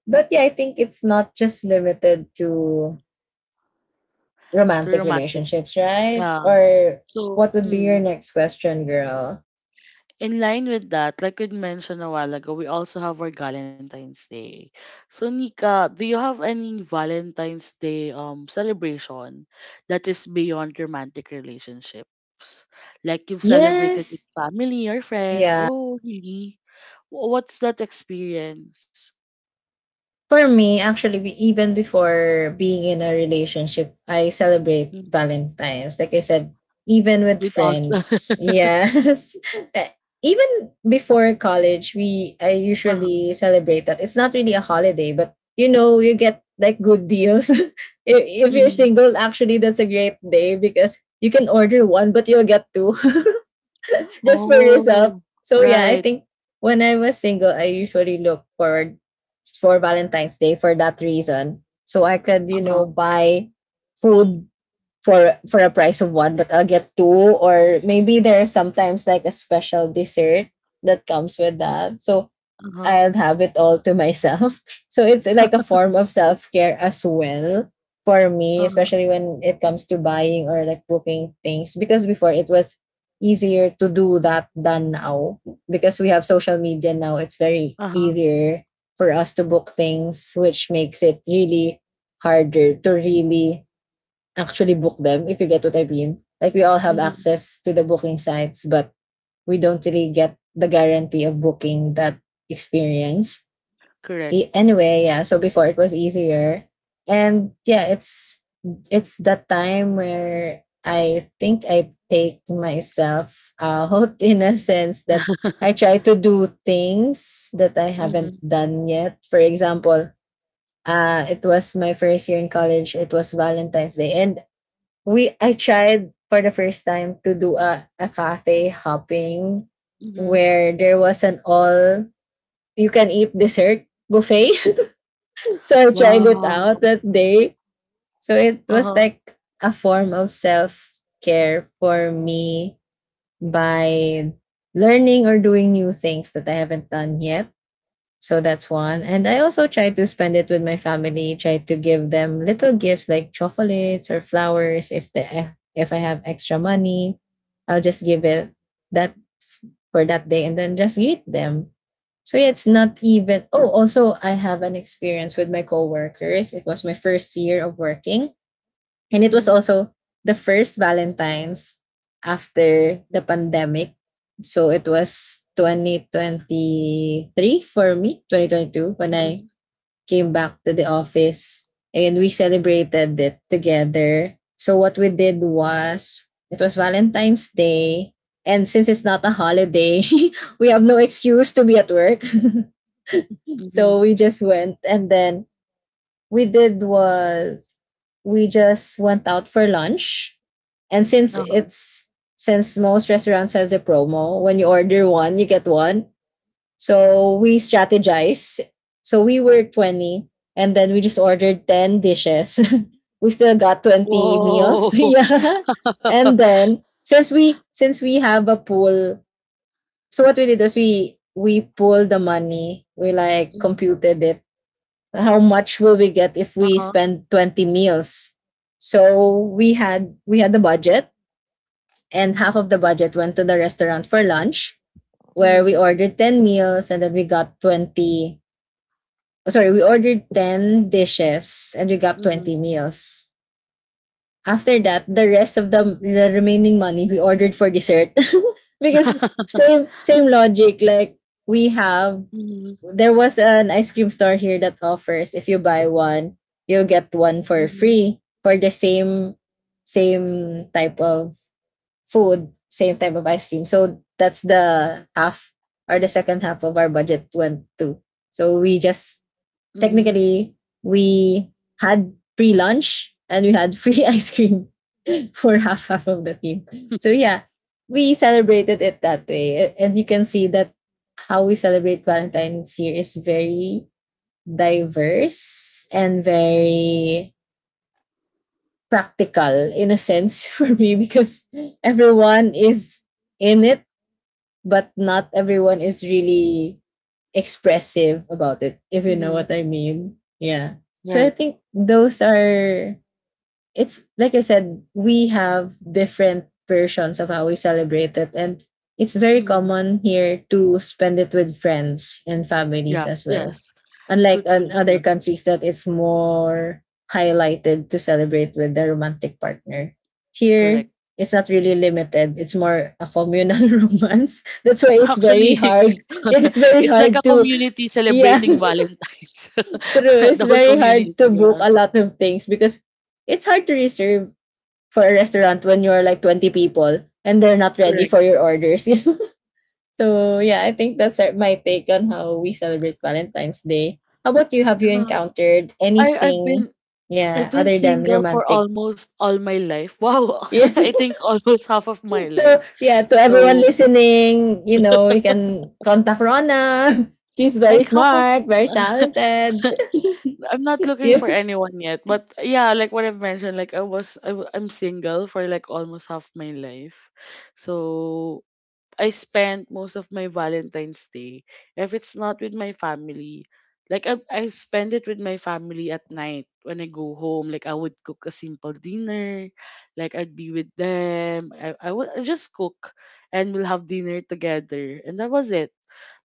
S2: But yeah, I think it's not just limited to
S1: To
S2: romantic
S1: romantic.
S2: relationships, right?
S1: Yeah.
S2: Or
S1: So,
S2: what would be your
S1: mm,
S2: next question, girl?
S1: in line with that, like we mentioned a while ago, we also have our Valentine's Day. So, Nika, do you have any Valentine's Day celebration that is beyond romantic relationships? Like you've celebrated with
S2: Yes.
S1: family or friends?
S2: Yeah,
S1: Oh, really? What's that experience?
S2: for me, actually, we even before being in a relationship, I celebrate
S1: Mm.
S2: Valentine's. Like I said, even with
S1: With us.
S2: friends. Yes. Eh, Even before college, we I
S1: Uh-huh.
S2: usually celebrate that. It's not really a holiday, but you get like good deals. If you're
S1: Mhm.
S2: single, actually that's a great day because you can order one, but you'll get two. just for yourself.
S1: Oh,
S2: So yeah, I
S1: right.
S2: think when I was single, I usually look forward for Valentine's Day for that reason. So I could,
S1: Uh-huh.
S2: buy food for a price of one, but I'll get two, or maybe there's sometimes like a special dessert that comes with that. So
S1: Uh-huh.
S2: I'll have it all to myself. So it's like a form of self care as well for me,
S1: Uh-huh.
S2: especially when it comes to buying or like booking things. Because before it was easier to do that than now. Because we have social media now, it's very
S1: Uh-huh.
S2: easier for us to book things, which makes it really harder to really actually book them, if you get what I mean. Like we all have
S1: Mhm.
S2: access to the booking sites, but we don't really get the guarantee of booking that experience.
S1: Correct.
S2: Anyway, yeah. So before it was easier, and yeah, it's that time where I think I take myself out in a sense that I try to do things that I
S1: Mm-hmm.
S2: haven't done yet. For example, it was my first year in college. It was Valentine's Day, and we I tried for the first time to do a cafe hopping
S1: Mm-hmm.
S2: where there was an all you can eat dessert buffet. So I tried it
S1: Wow.
S2: out that day. So it was
S1: Uh-huh.
S2: like a form of self care for me by learning or doing new things that I haven't done yet. So that's one. And I also try to spend it with my family, try to give them little gifts like chocolates or flowers if the if I have extra money, I'll just give it that for that day and then just greet them. So yeah, it's not even oh, also I have an experience with my coworkers. It was my first year of working, and it was
S1: Mm-hmm.
S2: also the first Valentine's after the pandemic. So it was 2023 for me, 2022, when
S1: Mm-hmm.
S2: I came back to the office and we celebrated it together. So what we did was it was Valentine's Day. And since it's not a holiday, we have no excuse to be at work.
S1: Mm-hmm.
S2: So we just went, and then we did was we just went out for lunch. And
S1: Uh-huh.
S2: since most restaurants has a promo, when you order one, you get one. So we strategize. So we were 20 and then we just ordered 10 dishes. we still got 20 meals.
S1: Whoa.
S2: yeah. And then since we have a pool, so what we did is we pulled the money, we like
S1: Mm-hmm.
S2: computed it how much will we get if we
S1: Uh-huh.
S2: spend 20 meals. So we had the budget, and half of the budget went to the restaurant for lunch where
S1: Mm-hmm.
S2: we ordered 10 meals and then we got 20. Oh, sorry, we ordered 10 dishes and we got
S1: Mm-hmm.
S2: 20 meals. After that, the rest of the remaining money we ordered for dessert because same logic. Like we have,
S1: Mm-hmm.
S2: there was an ice cream store here that offers if you buy one, you'll get one for
S1: Mm-hmm.
S2: free for the same type of food, same type of ice cream. So that's the half, or the second half of our budget went to. So we just
S1: Mm-hmm.
S2: technically we had free lunch and we had free ice cream for half of the team. So yeah, we celebrated it that way. And you can see that how we celebrate Valentine's here is very diverse and very practical in a sense, for me, because everyone is in it but not everyone is really expressive about it, if you know
S1: Mm-hmm.
S2: what I mean. Yeah. So I
S1: Right.
S2: think those are, it's like I said, we have different versions of how we celebrate it. And it's very
S1: Mm-hmm.
S2: common here to spend it with friends and
S1: Yeah.
S2: families as well.
S1: Yes.
S2: Unlike in
S1: Truthfully.
S2: other
S1: Yeah.
S2: countries that it's more highlighted to celebrate with the romantic partner. Here,
S1: Correct.
S2: it's not really limited. It's more a communal romance. That's why it's very
S1: Actually,
S2: hard. Yeah, it's very
S1: it's like a
S2: hard to,
S1: community
S2: yeah,
S1: celebrating Valentine's.
S2: true. It's
S1: The whole
S2: very hard to
S1: community,
S2: book
S1: yeah.
S2: a lot of things because it's hard to reserve for a restaurant when you're like 20 people and they're not ready
S1: Correct.
S2: for your orders. So yeah, I think that's my take on how we celebrate Valentine's Day. How about you? Have you
S1: No,
S2: encountered
S1: I I've
S2: anything,
S1: been I've
S2: yeah,
S1: been
S2: other than
S1: single for
S2: romantic?
S1: almost all my life. Wow,
S2: Yeah.
S1: I think almost half of my
S2: So
S1: life.
S2: yeah, to everyone
S1: So
S2: listening, you can contact Rona. She's very
S1: like half of
S2: smart, very talented.
S1: I'm not looking
S2: Yeah.
S1: for anyone yet, but yeah, like what I've mentioned, like am single for like almost half my life. So I spent most of my Valentine's Day, if it's not with my family, like I spend it with my family at night when I go home. Like I would cook a simple dinner, like I'd be with them. I just cook, and we'll have dinner together. And that was it.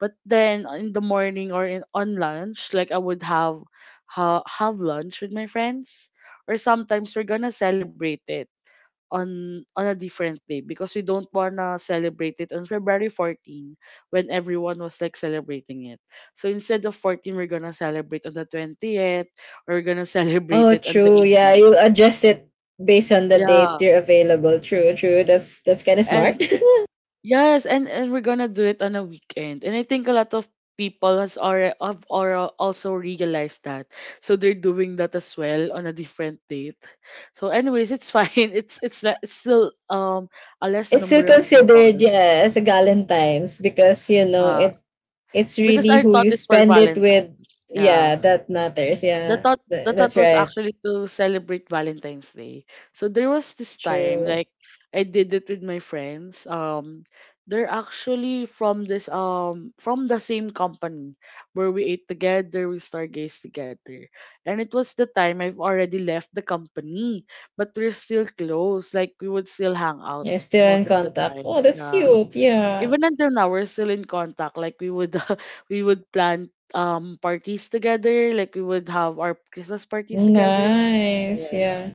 S1: But then in the morning or in on lunch, like I would have have lunch with my friends. Or sometimes we're gonna celebrate it on a different day because we don't wanna celebrate it on February 14 when everyone was like celebrating it. So instead of 14, we're gonna celebrate on the 20th. We're gonna celebrate
S2: Oh,
S1: it on the
S2: true. Yeah,
S1: 18th.
S2: you adjust it based on the date
S1: Yeah,
S2: you're available. True, true. That's kind of smart.
S1: and yes, and we're gonna do it on a weekend. And I think a lot of people has already have also realized that, so they're doing that as well on a different date. So, anyways, it's fine. It's still a less
S2: It's still
S1: number of people.
S2: considered, yeah, as a Galentine's because
S1: Yeah.
S2: it's
S1: Because
S2: really
S1: our
S2: who
S1: thought
S2: you
S1: is for
S2: spend it with.
S1: Valentine's. Yeah.
S2: Yeah, that matters.
S1: The
S2: Yeah,
S1: thought the thought
S2: That's
S1: was
S2: right.
S1: actually to celebrate Valentine's Day. So there was this time
S2: True.
S1: like I did it with my friends. They're actually from this from the same company where we ate together, we stargazed together. And it was the time I've already left the company, but we're still close. Like we would still hang out
S2: Yeah, still in
S1: most of the
S2: contact.
S1: time.
S2: Oh, that's
S1: Yeah
S2: cute. Yeah,
S1: Even until now, we're still in contact. Like we would we would plan parties together, like we would have our Christmas parties together.
S2: nice.
S1: Yes,
S2: Yeah.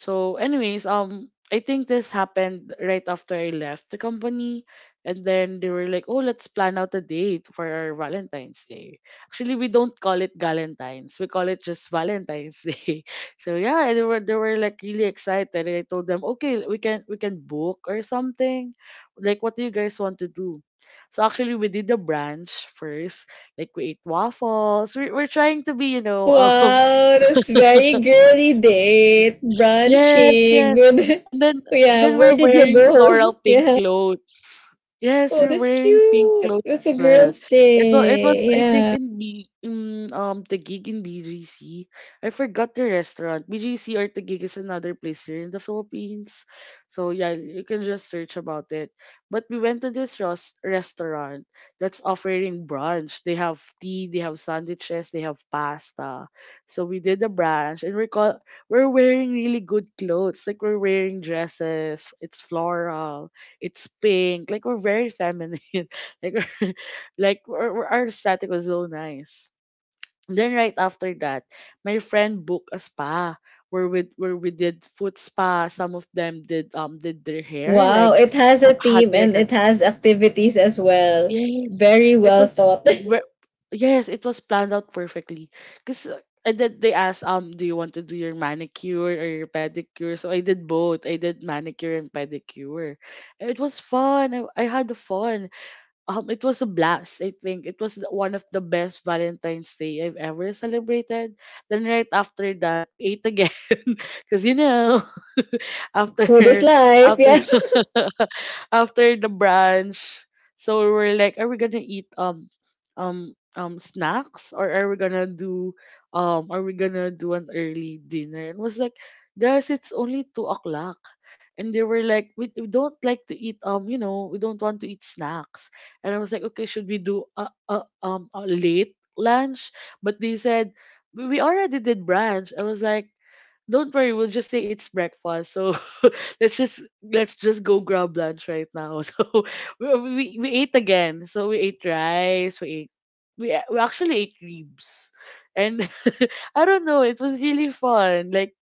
S1: so, anyways, I think this happened right after I left the company, and then they were like, "Oh, let's plan out a date for our Valentine's Day." Actually, we don't call it Galentine's; we call it just Valentine's Day. So yeah, they were like really excited, and I told them, "Okay, we can book or something. Like, what do you guys want to do?" So actually, we did the brunch first. Like we ate waffles. We're trying to be, you know,
S2: Wow, that's very girly date
S1: yes,
S2: brunching.
S1: yes.
S2: Good.
S1: And then
S2: Yeah, where
S1: we're
S2: did you
S1: wearing floral
S2: go?
S1: pink
S2: Yeah.
S1: clothes. Yes,
S2: Oh,
S1: we're
S2: that's
S1: wearing pink
S2: cute.
S1: clothes
S2: It's a
S1: as well.
S2: girl's
S1: It was
S2: day.
S1: I think
S2: Yeah.
S1: in B in the gig in BGC. I forgot the restaurant. BGC or the gig is another place here in the Philippines. So yeah, you can just search about it. But we went to this restaurant that's offering brunch. They have tea, they have sandwiches, they have pasta. So we did the brunch and we're wearing really good clothes. Like we're wearing dresses. It's floral. It's pink. Like we're very feminine. like we're, our aesthetic was so nice. Then right after that, my friend booked a spa where we did foot spa. Some of them did their hair.
S2: Wow, it has a
S1: Had
S2: theme
S1: their
S2: and
S1: hair
S2: it has activities as well.
S1: Yes,
S2: Very
S1: it
S2: well
S1: was
S2: thought.
S1: ve- yes, it was planned out perfectly. Cause And then they asked, do you want to do your manicure or your pedicure? So I did both. I did manicure and pedicure. And it was fun. I had fun. It was a blast. I think it was one of the best Valentine's Day I've ever celebrated. Then right after that, we ate again, cause you know. after
S2: Food is life,
S1: after
S2: yes.
S1: after the brunch. So we were like, are we gonna eat snacks, or are we gonna do are we gonna do an early dinner? And was like, guys, it's only 2 o'clock. And they were like, we don't like to eat, you know, we don't want to eat snacks. And I was like, okay, should we do a late lunch? But they said we already did brunch. I was like, don't worry, we'll just say it's breakfast. So let's just go grab lunch right now. So we ate again. So we ate rice, we actually ate ribs. And I don't know, it was really fun. Like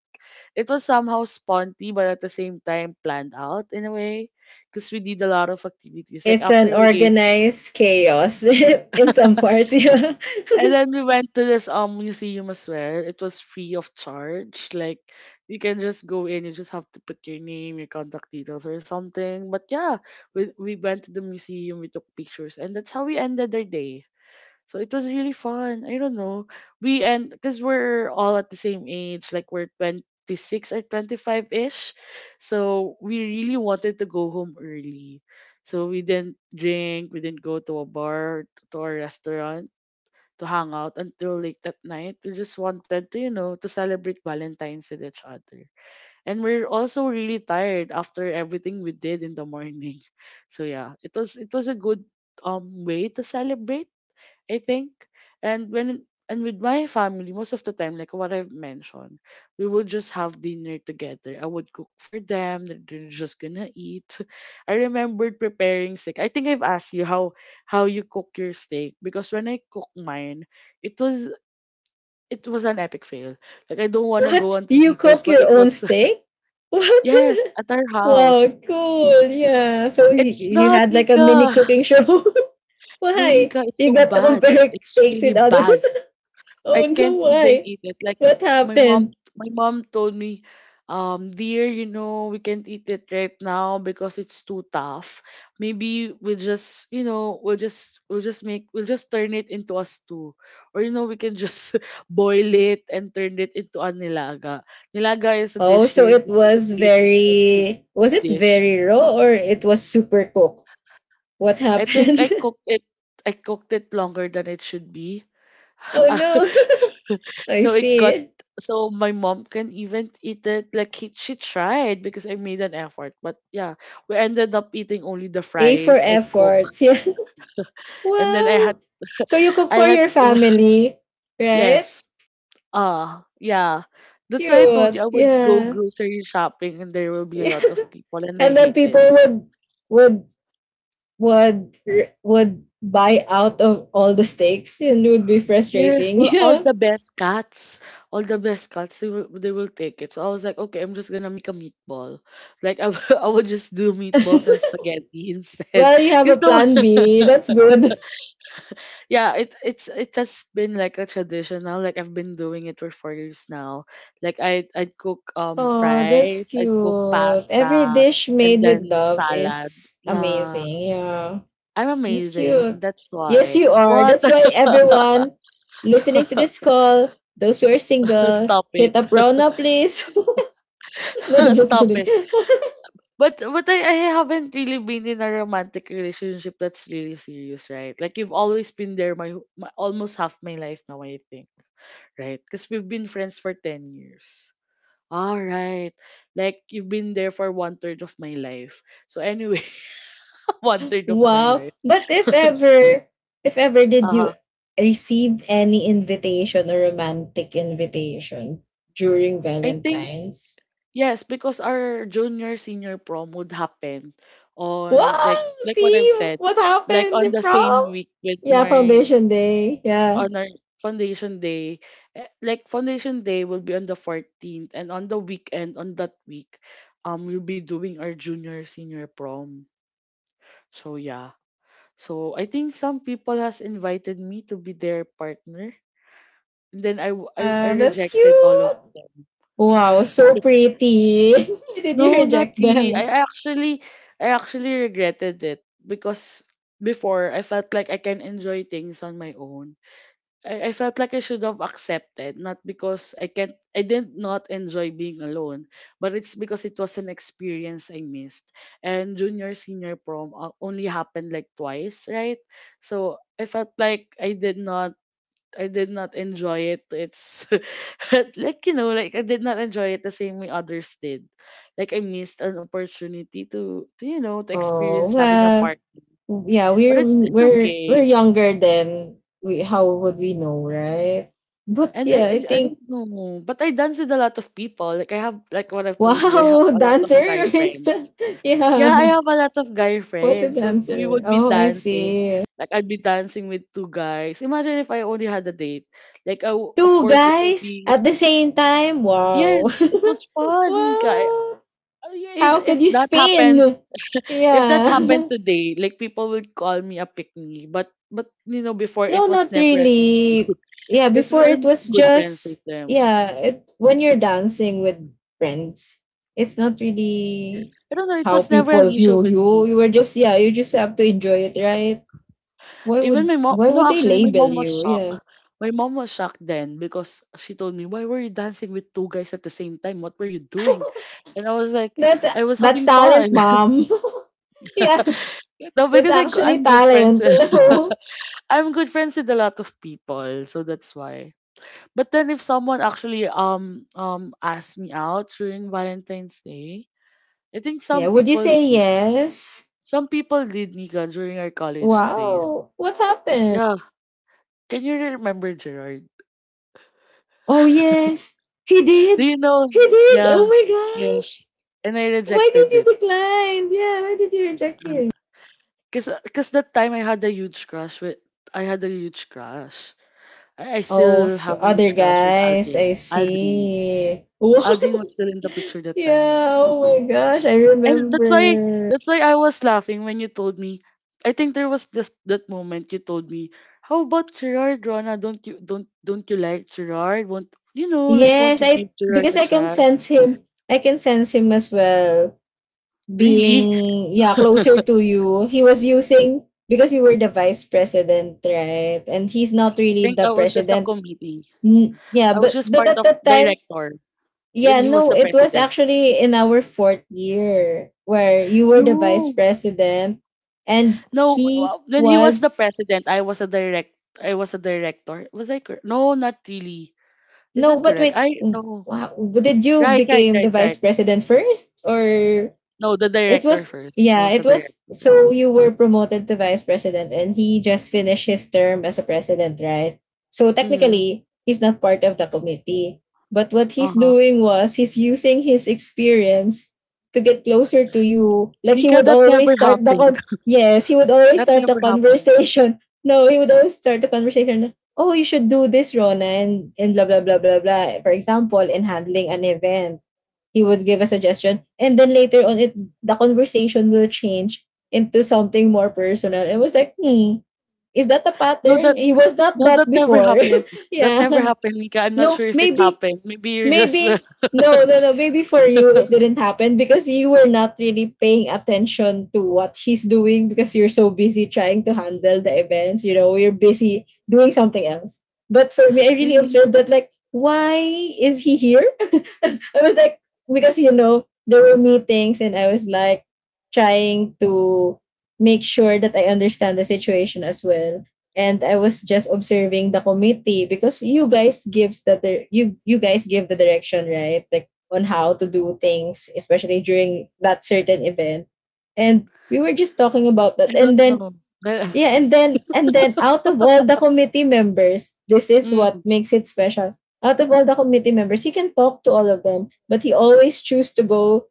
S1: it was somehow sponty but at the same time planned out in a way because we did a lot of activities. Like
S2: It's an
S1: after we ate,
S2: organized chaos in some parts. Yeah.
S1: and then we went to this museum as well. It was free of charge. Like you can just go in, you just have to put your name, your contact details or something. But yeah, we went to the museum, we took pictures, and that's how we ended our day. So it was really fun. I don't know. We end Because we're all at the same age, like we're 26 or 25 ish. So we really wanted to go home early. So we didn't drink, we didn't go to a bar, to a restaurant to hang out until late at night. We just wanted to, you know, to celebrate Valentine's with each other. And we're also really tired after everything we did in the morning. So yeah, it was a good way to celebrate, I think. And when and with my family, most of the time, like what I've mentioned, we would just have dinner together. I would cook for them. They're just gonna eat. I remembered preparing steak. I think I've asked you how you cook your steak, because when I cook mine, it was it was an epic fail. Like I don't wanna
S2: What?
S1: go into
S2: You
S1: details,
S2: cook
S1: but
S2: your
S1: it
S2: own
S1: was
S2: steak? What?
S1: yes, at our
S2: Wow,
S1: house.
S2: cool. Yeah. So
S1: It's
S2: you
S1: not
S2: had like a mini
S1: Nika.
S2: cooking show.
S1: No,
S2: Why?
S1: Nika, it's
S2: You
S1: so
S2: got to
S1: bad.
S2: compare
S1: It's
S2: steaks
S1: really
S2: with others.
S1: bad. I
S2: Oh no,
S1: can't even
S2: why?
S1: eat it. Like
S2: What
S1: my mom,
S2: happened?
S1: my mom told me, dear, you know, we can't eat it right now because it's too tough. Maybe we'll just, you know, we'll just turn it into a stew, or you know, we can just boil it and turn it into a nilaga. Nilaga is a
S2: Oh,
S1: dish
S2: so
S1: here in
S2: it
S1: the
S2: was
S1: Philippines, a soup
S2: very, was it
S1: dish.
S2: very raw or it was super cooked? What
S1: I think I
S2: happened?
S1: cooked it. I cooked it longer than it should be.
S2: Oh no. I
S1: So it got
S2: see.
S1: so my mom can even eat it. Like she tried because I made an effort. But yeah, we ended up eating only the
S2: A for
S1: fries I cook.
S2: efforts. Yeah.
S1: And then I had
S2: Wow. So you cook
S1: I
S2: for
S1: had
S2: your family, right?
S1: yes. Yeah. That's why I told you
S2: Cute.
S1: I would go
S2: Yeah.
S1: grocery shopping and there will be a
S2: Yeah.
S1: lot of people and I
S2: And then
S1: hate it.
S2: people would would would would buy out of all the steaks and it would be
S1: Yes,
S2: frustrating.
S1: all
S2: Yeah.
S1: the best cats, all the best cats, they will take it. So I was like, okay, I'm just gonna make a meatball. Like I would just do meatballs and spaghetti instead.
S2: Well, you have a
S1: Cause no,
S2: plan B. That's good.
S1: yeah, it has been like a tradition now. Like I've been doing it for 4 years now. Like I'd cook
S2: Oh, that's
S1: fries, I'd cook
S2: cute. Every
S1: pasta,
S2: dish
S1: and
S2: made with
S1: then
S2: love
S1: salad.
S2: is
S1: Yeah,
S2: amazing. Yeah,
S1: I'm
S2: that's
S1: amazing.
S2: cute.
S1: That's
S2: Yes,
S1: why.
S2: you are.
S1: What?
S2: That's why everyone listening to this call, those who are single,
S1: Stop
S2: hit
S1: it.
S2: up Rona, please. No, just
S1: Stop
S2: kidding.
S1: it. But I haven't really been in a romantic relationship that's really serious, right? Like you've always been there my almost half my life now, I think, right? Because we've been friends for 10 years. All right. Like you've been there for one third of my life. So anyway, one third of my
S2: Wow.
S1: life.
S2: But if ever did you
S1: Uh-huh.
S2: receive any invitation or romantic invitation during
S1: I think
S2: Valentine's.
S1: yes, because our junior senior prom would happen on
S2: Wow!
S1: like what I've
S2: See
S1: said,
S2: what
S1: like
S2: happened
S1: on
S2: in
S1: the same
S2: prom?
S1: week with
S2: Yeah,
S1: my
S2: foundation day. Yeah.
S1: on our foundation day. Like foundation day will be on the 14th, and on the weekend on that week we'll be doing our junior senior prom. So yeah, so I think some people has invited me to be their partner, and then I
S2: Ah, that's
S1: rejected all of
S2: cute.
S1: them.
S2: Wow, so pretty. Did you
S1: No, not
S2: reject
S1: really.
S2: them?
S1: I actually regretted it because before I felt like I can enjoy things on my own. I felt like I should have accepted, not because I did not enjoy being alone, but it's because it was an experience I missed. And junior senior prom only happened like twice, right? So I felt like I did not enjoy it. It's like you know, like I did not enjoy it the same way others did. Like I missed an opportunity to, to
S2: Oh
S1: experience having a
S2: well,
S1: partner.
S2: yeah,
S1: But
S2: we're
S1: it's
S2: we're we're
S1: okay.
S2: younger then. We, how would we know, right? But
S1: And
S2: yeah,
S1: I I
S2: I
S1: I
S2: think,
S1: don't know, but I dance with a lot of people. Like I have like what I've told you, I have
S2: wow,
S1: a lot of
S2: dancer
S1: guy
S2: is
S1: friends. Yeah,
S2: yeah.
S1: I have a lot of guy
S2: What's a
S1: friends. So we
S2: dancer?
S1: would be
S2: Oh, I
S1: dancing.
S2: see.
S1: Like I'd be dancing with two guys. Imagine if I only had a date. Like of
S2: Two
S1: course it would
S2: guys
S1: be
S2: at the same time? Wow.
S1: yes, it was fun, Nika.
S2: Wow.
S1: I- If
S2: How
S1: if
S2: could you
S1: that happened,
S2: spin?
S1: if that happened
S2: Yeah.
S1: today, like people would call me a pick me. But you know before
S2: No,
S1: it was
S2: not
S1: never an issue
S2: really. Yeah,
S1: because
S2: before
S1: we're
S2: it was
S1: good friends
S2: just,
S1: with them.
S2: yeah, it, when you're dancing with friends, it's not really
S1: I don't know. It
S2: how
S1: was never an
S2: people
S1: issue
S2: view
S1: with
S2: you.
S1: me.
S2: You were just, yeah, you just have to enjoy it, right? Why
S1: Even
S2: would,
S1: my mom.
S2: why
S1: No,
S2: would they
S1: actually, my
S2: label
S1: mom was
S2: you?
S1: shocked.
S2: Yeah.
S1: My mom was shocked then because she told me, "Why were you dancing with two guys at the same time? What were you doing?" And I was like,
S2: that's
S1: "I was
S2: that's
S1: having fun."
S2: talent, mom. Yeah.
S1: no,
S2: That's
S1: because
S2: actually
S1: I'm good friends
S2: talent.
S1: with
S2: Alam
S1: I'm good friends with a lot of people, so that's why. But then if someone actually asked me out during Valentine's Day, I think
S2: Yeah.
S1: some
S2: Would you
S1: people
S2: say
S1: did.
S2: yes?
S1: Some people did, Nika, during our college days.
S2: Wow. What happened?
S1: Yeah, can you remember Gerard?
S2: Oh, yes. He
S1: Do
S2: did.
S1: you know?
S2: He did.
S1: Yeah,
S2: Oh my gosh.
S1: yes. And I
S2: Why did
S1: rejected
S2: you
S1: it.
S2: decline? Yeah. Why did you reject him?
S1: Because Cause that time I had a huge crush. I
S2: Oh,
S1: still have a
S2: other
S1: huge crush with
S2: guys. I
S1: Aldrin. Aldrin.
S2: see.
S1: Aldrin
S2: Wow.
S1: was still in the picture that time.
S2: Yeah. Oh my gosh. I
S1: And that's why,
S2: remember.
S1: that's why I was laughing when you told me, I think there was this, that moment you told me, how about Gerard, Rona? Don't you like Gerard? Won't, you know, like, won't
S2: Yes.
S1: you give
S2: I,
S1: Gerard
S2: because
S1: a
S2: I can
S1: chance?
S2: sense him. I can sense him as well,
S1: Really?
S2: being, yeah, closer to you. He was using, because you were the vice president, right, and he's not really
S1: Think
S2: the
S1: I was just a
S2: president.
S1: committee.
S2: Yeah,
S1: I was just
S2: but
S1: part
S2: at
S1: of
S2: that time,
S1: director, and
S2: yeah,
S1: he was
S2: no,
S1: the
S2: it was
S1: president.
S2: actually in our fourth year where you were the vice
S1: No,
S2: president and
S1: no.
S2: he
S1: Well, when he was the
S2: was.
S1: president, I was a direct. I was a director. Was I correct? No, not really. Is
S2: No,
S1: that
S2: but
S1: correct?
S2: wait,
S1: I no.
S2: wow, did you
S1: Right, right,
S2: became the
S1: right,
S2: vice
S1: right.
S2: president first, or
S1: No, the
S2: it
S1: director
S2: was,
S1: first. I
S2: yeah,
S1: was
S2: it
S1: a
S2: was,
S1: director.
S2: so you were promoted to vice president and he just finished his term as a president, right? So
S1: Mm-hmm.
S2: technically, he's not part of the committee. But what
S1: Uh
S2: he's
S1: huh.
S2: doing was he's using his experience to get closer to you. Like he
S1: Nika,
S2: would
S1: that never
S2: always start the
S1: happened.
S2: con yes, he would always
S1: That
S2: start the
S1: never happened.
S2: conversation. No, he would always start the conversation. Oh, you should do this, Rona, and blah blah blah blah blah. For example, in handling an event, he would give a suggestion and then later on, it, the conversation will change into something more personal. It was like, hmm, is that a
S1: No,
S2: pattern?
S1: that
S2: He was not
S1: no,
S2: that
S1: that never
S2: before.
S1: happened. That
S2: Yeah,
S1: never happened, Nika. I'm not
S2: no
S1: sure if it
S2: maybe,
S1: happened. Maybe you're just
S2: maybe, no no no maybe for you it didn't happen because you were not really paying attention to what he's doing because you're so busy trying to handle the events, you know, you're busy doing something else. But for me, I really
S1: really.
S2: observed that. Like, why is he here? I was like, because, you know, there were meetings and I was like trying to make sure that I understand the situation as well. And I was just observing the committee because you guys gives that you guys give the direction, right? Like on how to do things, especially during that certain event. And we were just talking about
S1: I
S2: that. And
S1: don't
S2: then,
S1: know. Well,
S2: yeah, and then, and then out of all the committee members, this is
S1: mm,
S2: what makes it special. Out of all the committee members, he can talk to all of them, but he always choose to go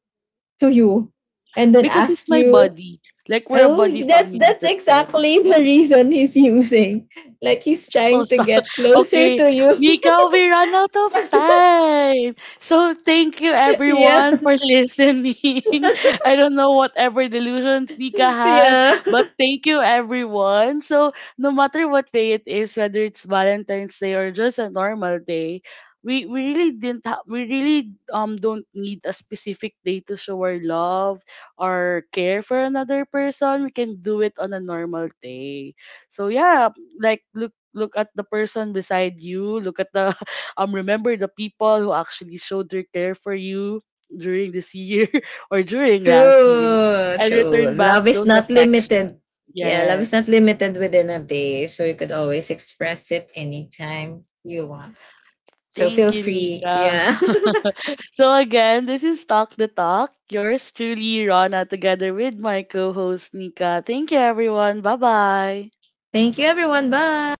S2: to you and then
S1: because it's
S2: ask
S1: my
S2: you,
S1: body. Like we're a
S2: "Oh,
S1: body family
S2: that's
S1: that time.
S2: exactly the reason he's using." Like he's
S1: So
S2: trying to
S1: stop.
S2: get closer
S1: Okay,
S2: to you.
S1: Mika, we ran out of
S2: But
S1: time. So thank you
S2: yeah,
S1: everyone for listening. I don't know whatever delusions Mika had,
S2: yeah.
S1: but thank you everyone. So no matter what day it is, whether it's Valentine's Day or just a normal day, we really didn't we really don't need a specific day to show our love or care for another person. We can do it on a normal day. So yeah, like look at the person beside you, look at the remember the people who actually showed their care for you during this year or during last year
S2: True,
S1: and
S2: true.
S1: return back
S2: Love is
S1: those
S2: not
S1: affections.
S2: limited. Yeah, love is not
S1: Yes,
S2: limited within a day. So you could always express it anytime you want. So
S1: thank
S2: feel
S1: you,
S2: free.
S1: Nika.
S2: Yeah.
S1: So again, this is Talk the Talk, yours truly Rana together with my co-host Nika. Thank you everyone. Bye bye.
S2: Thank you, everyone. Bye.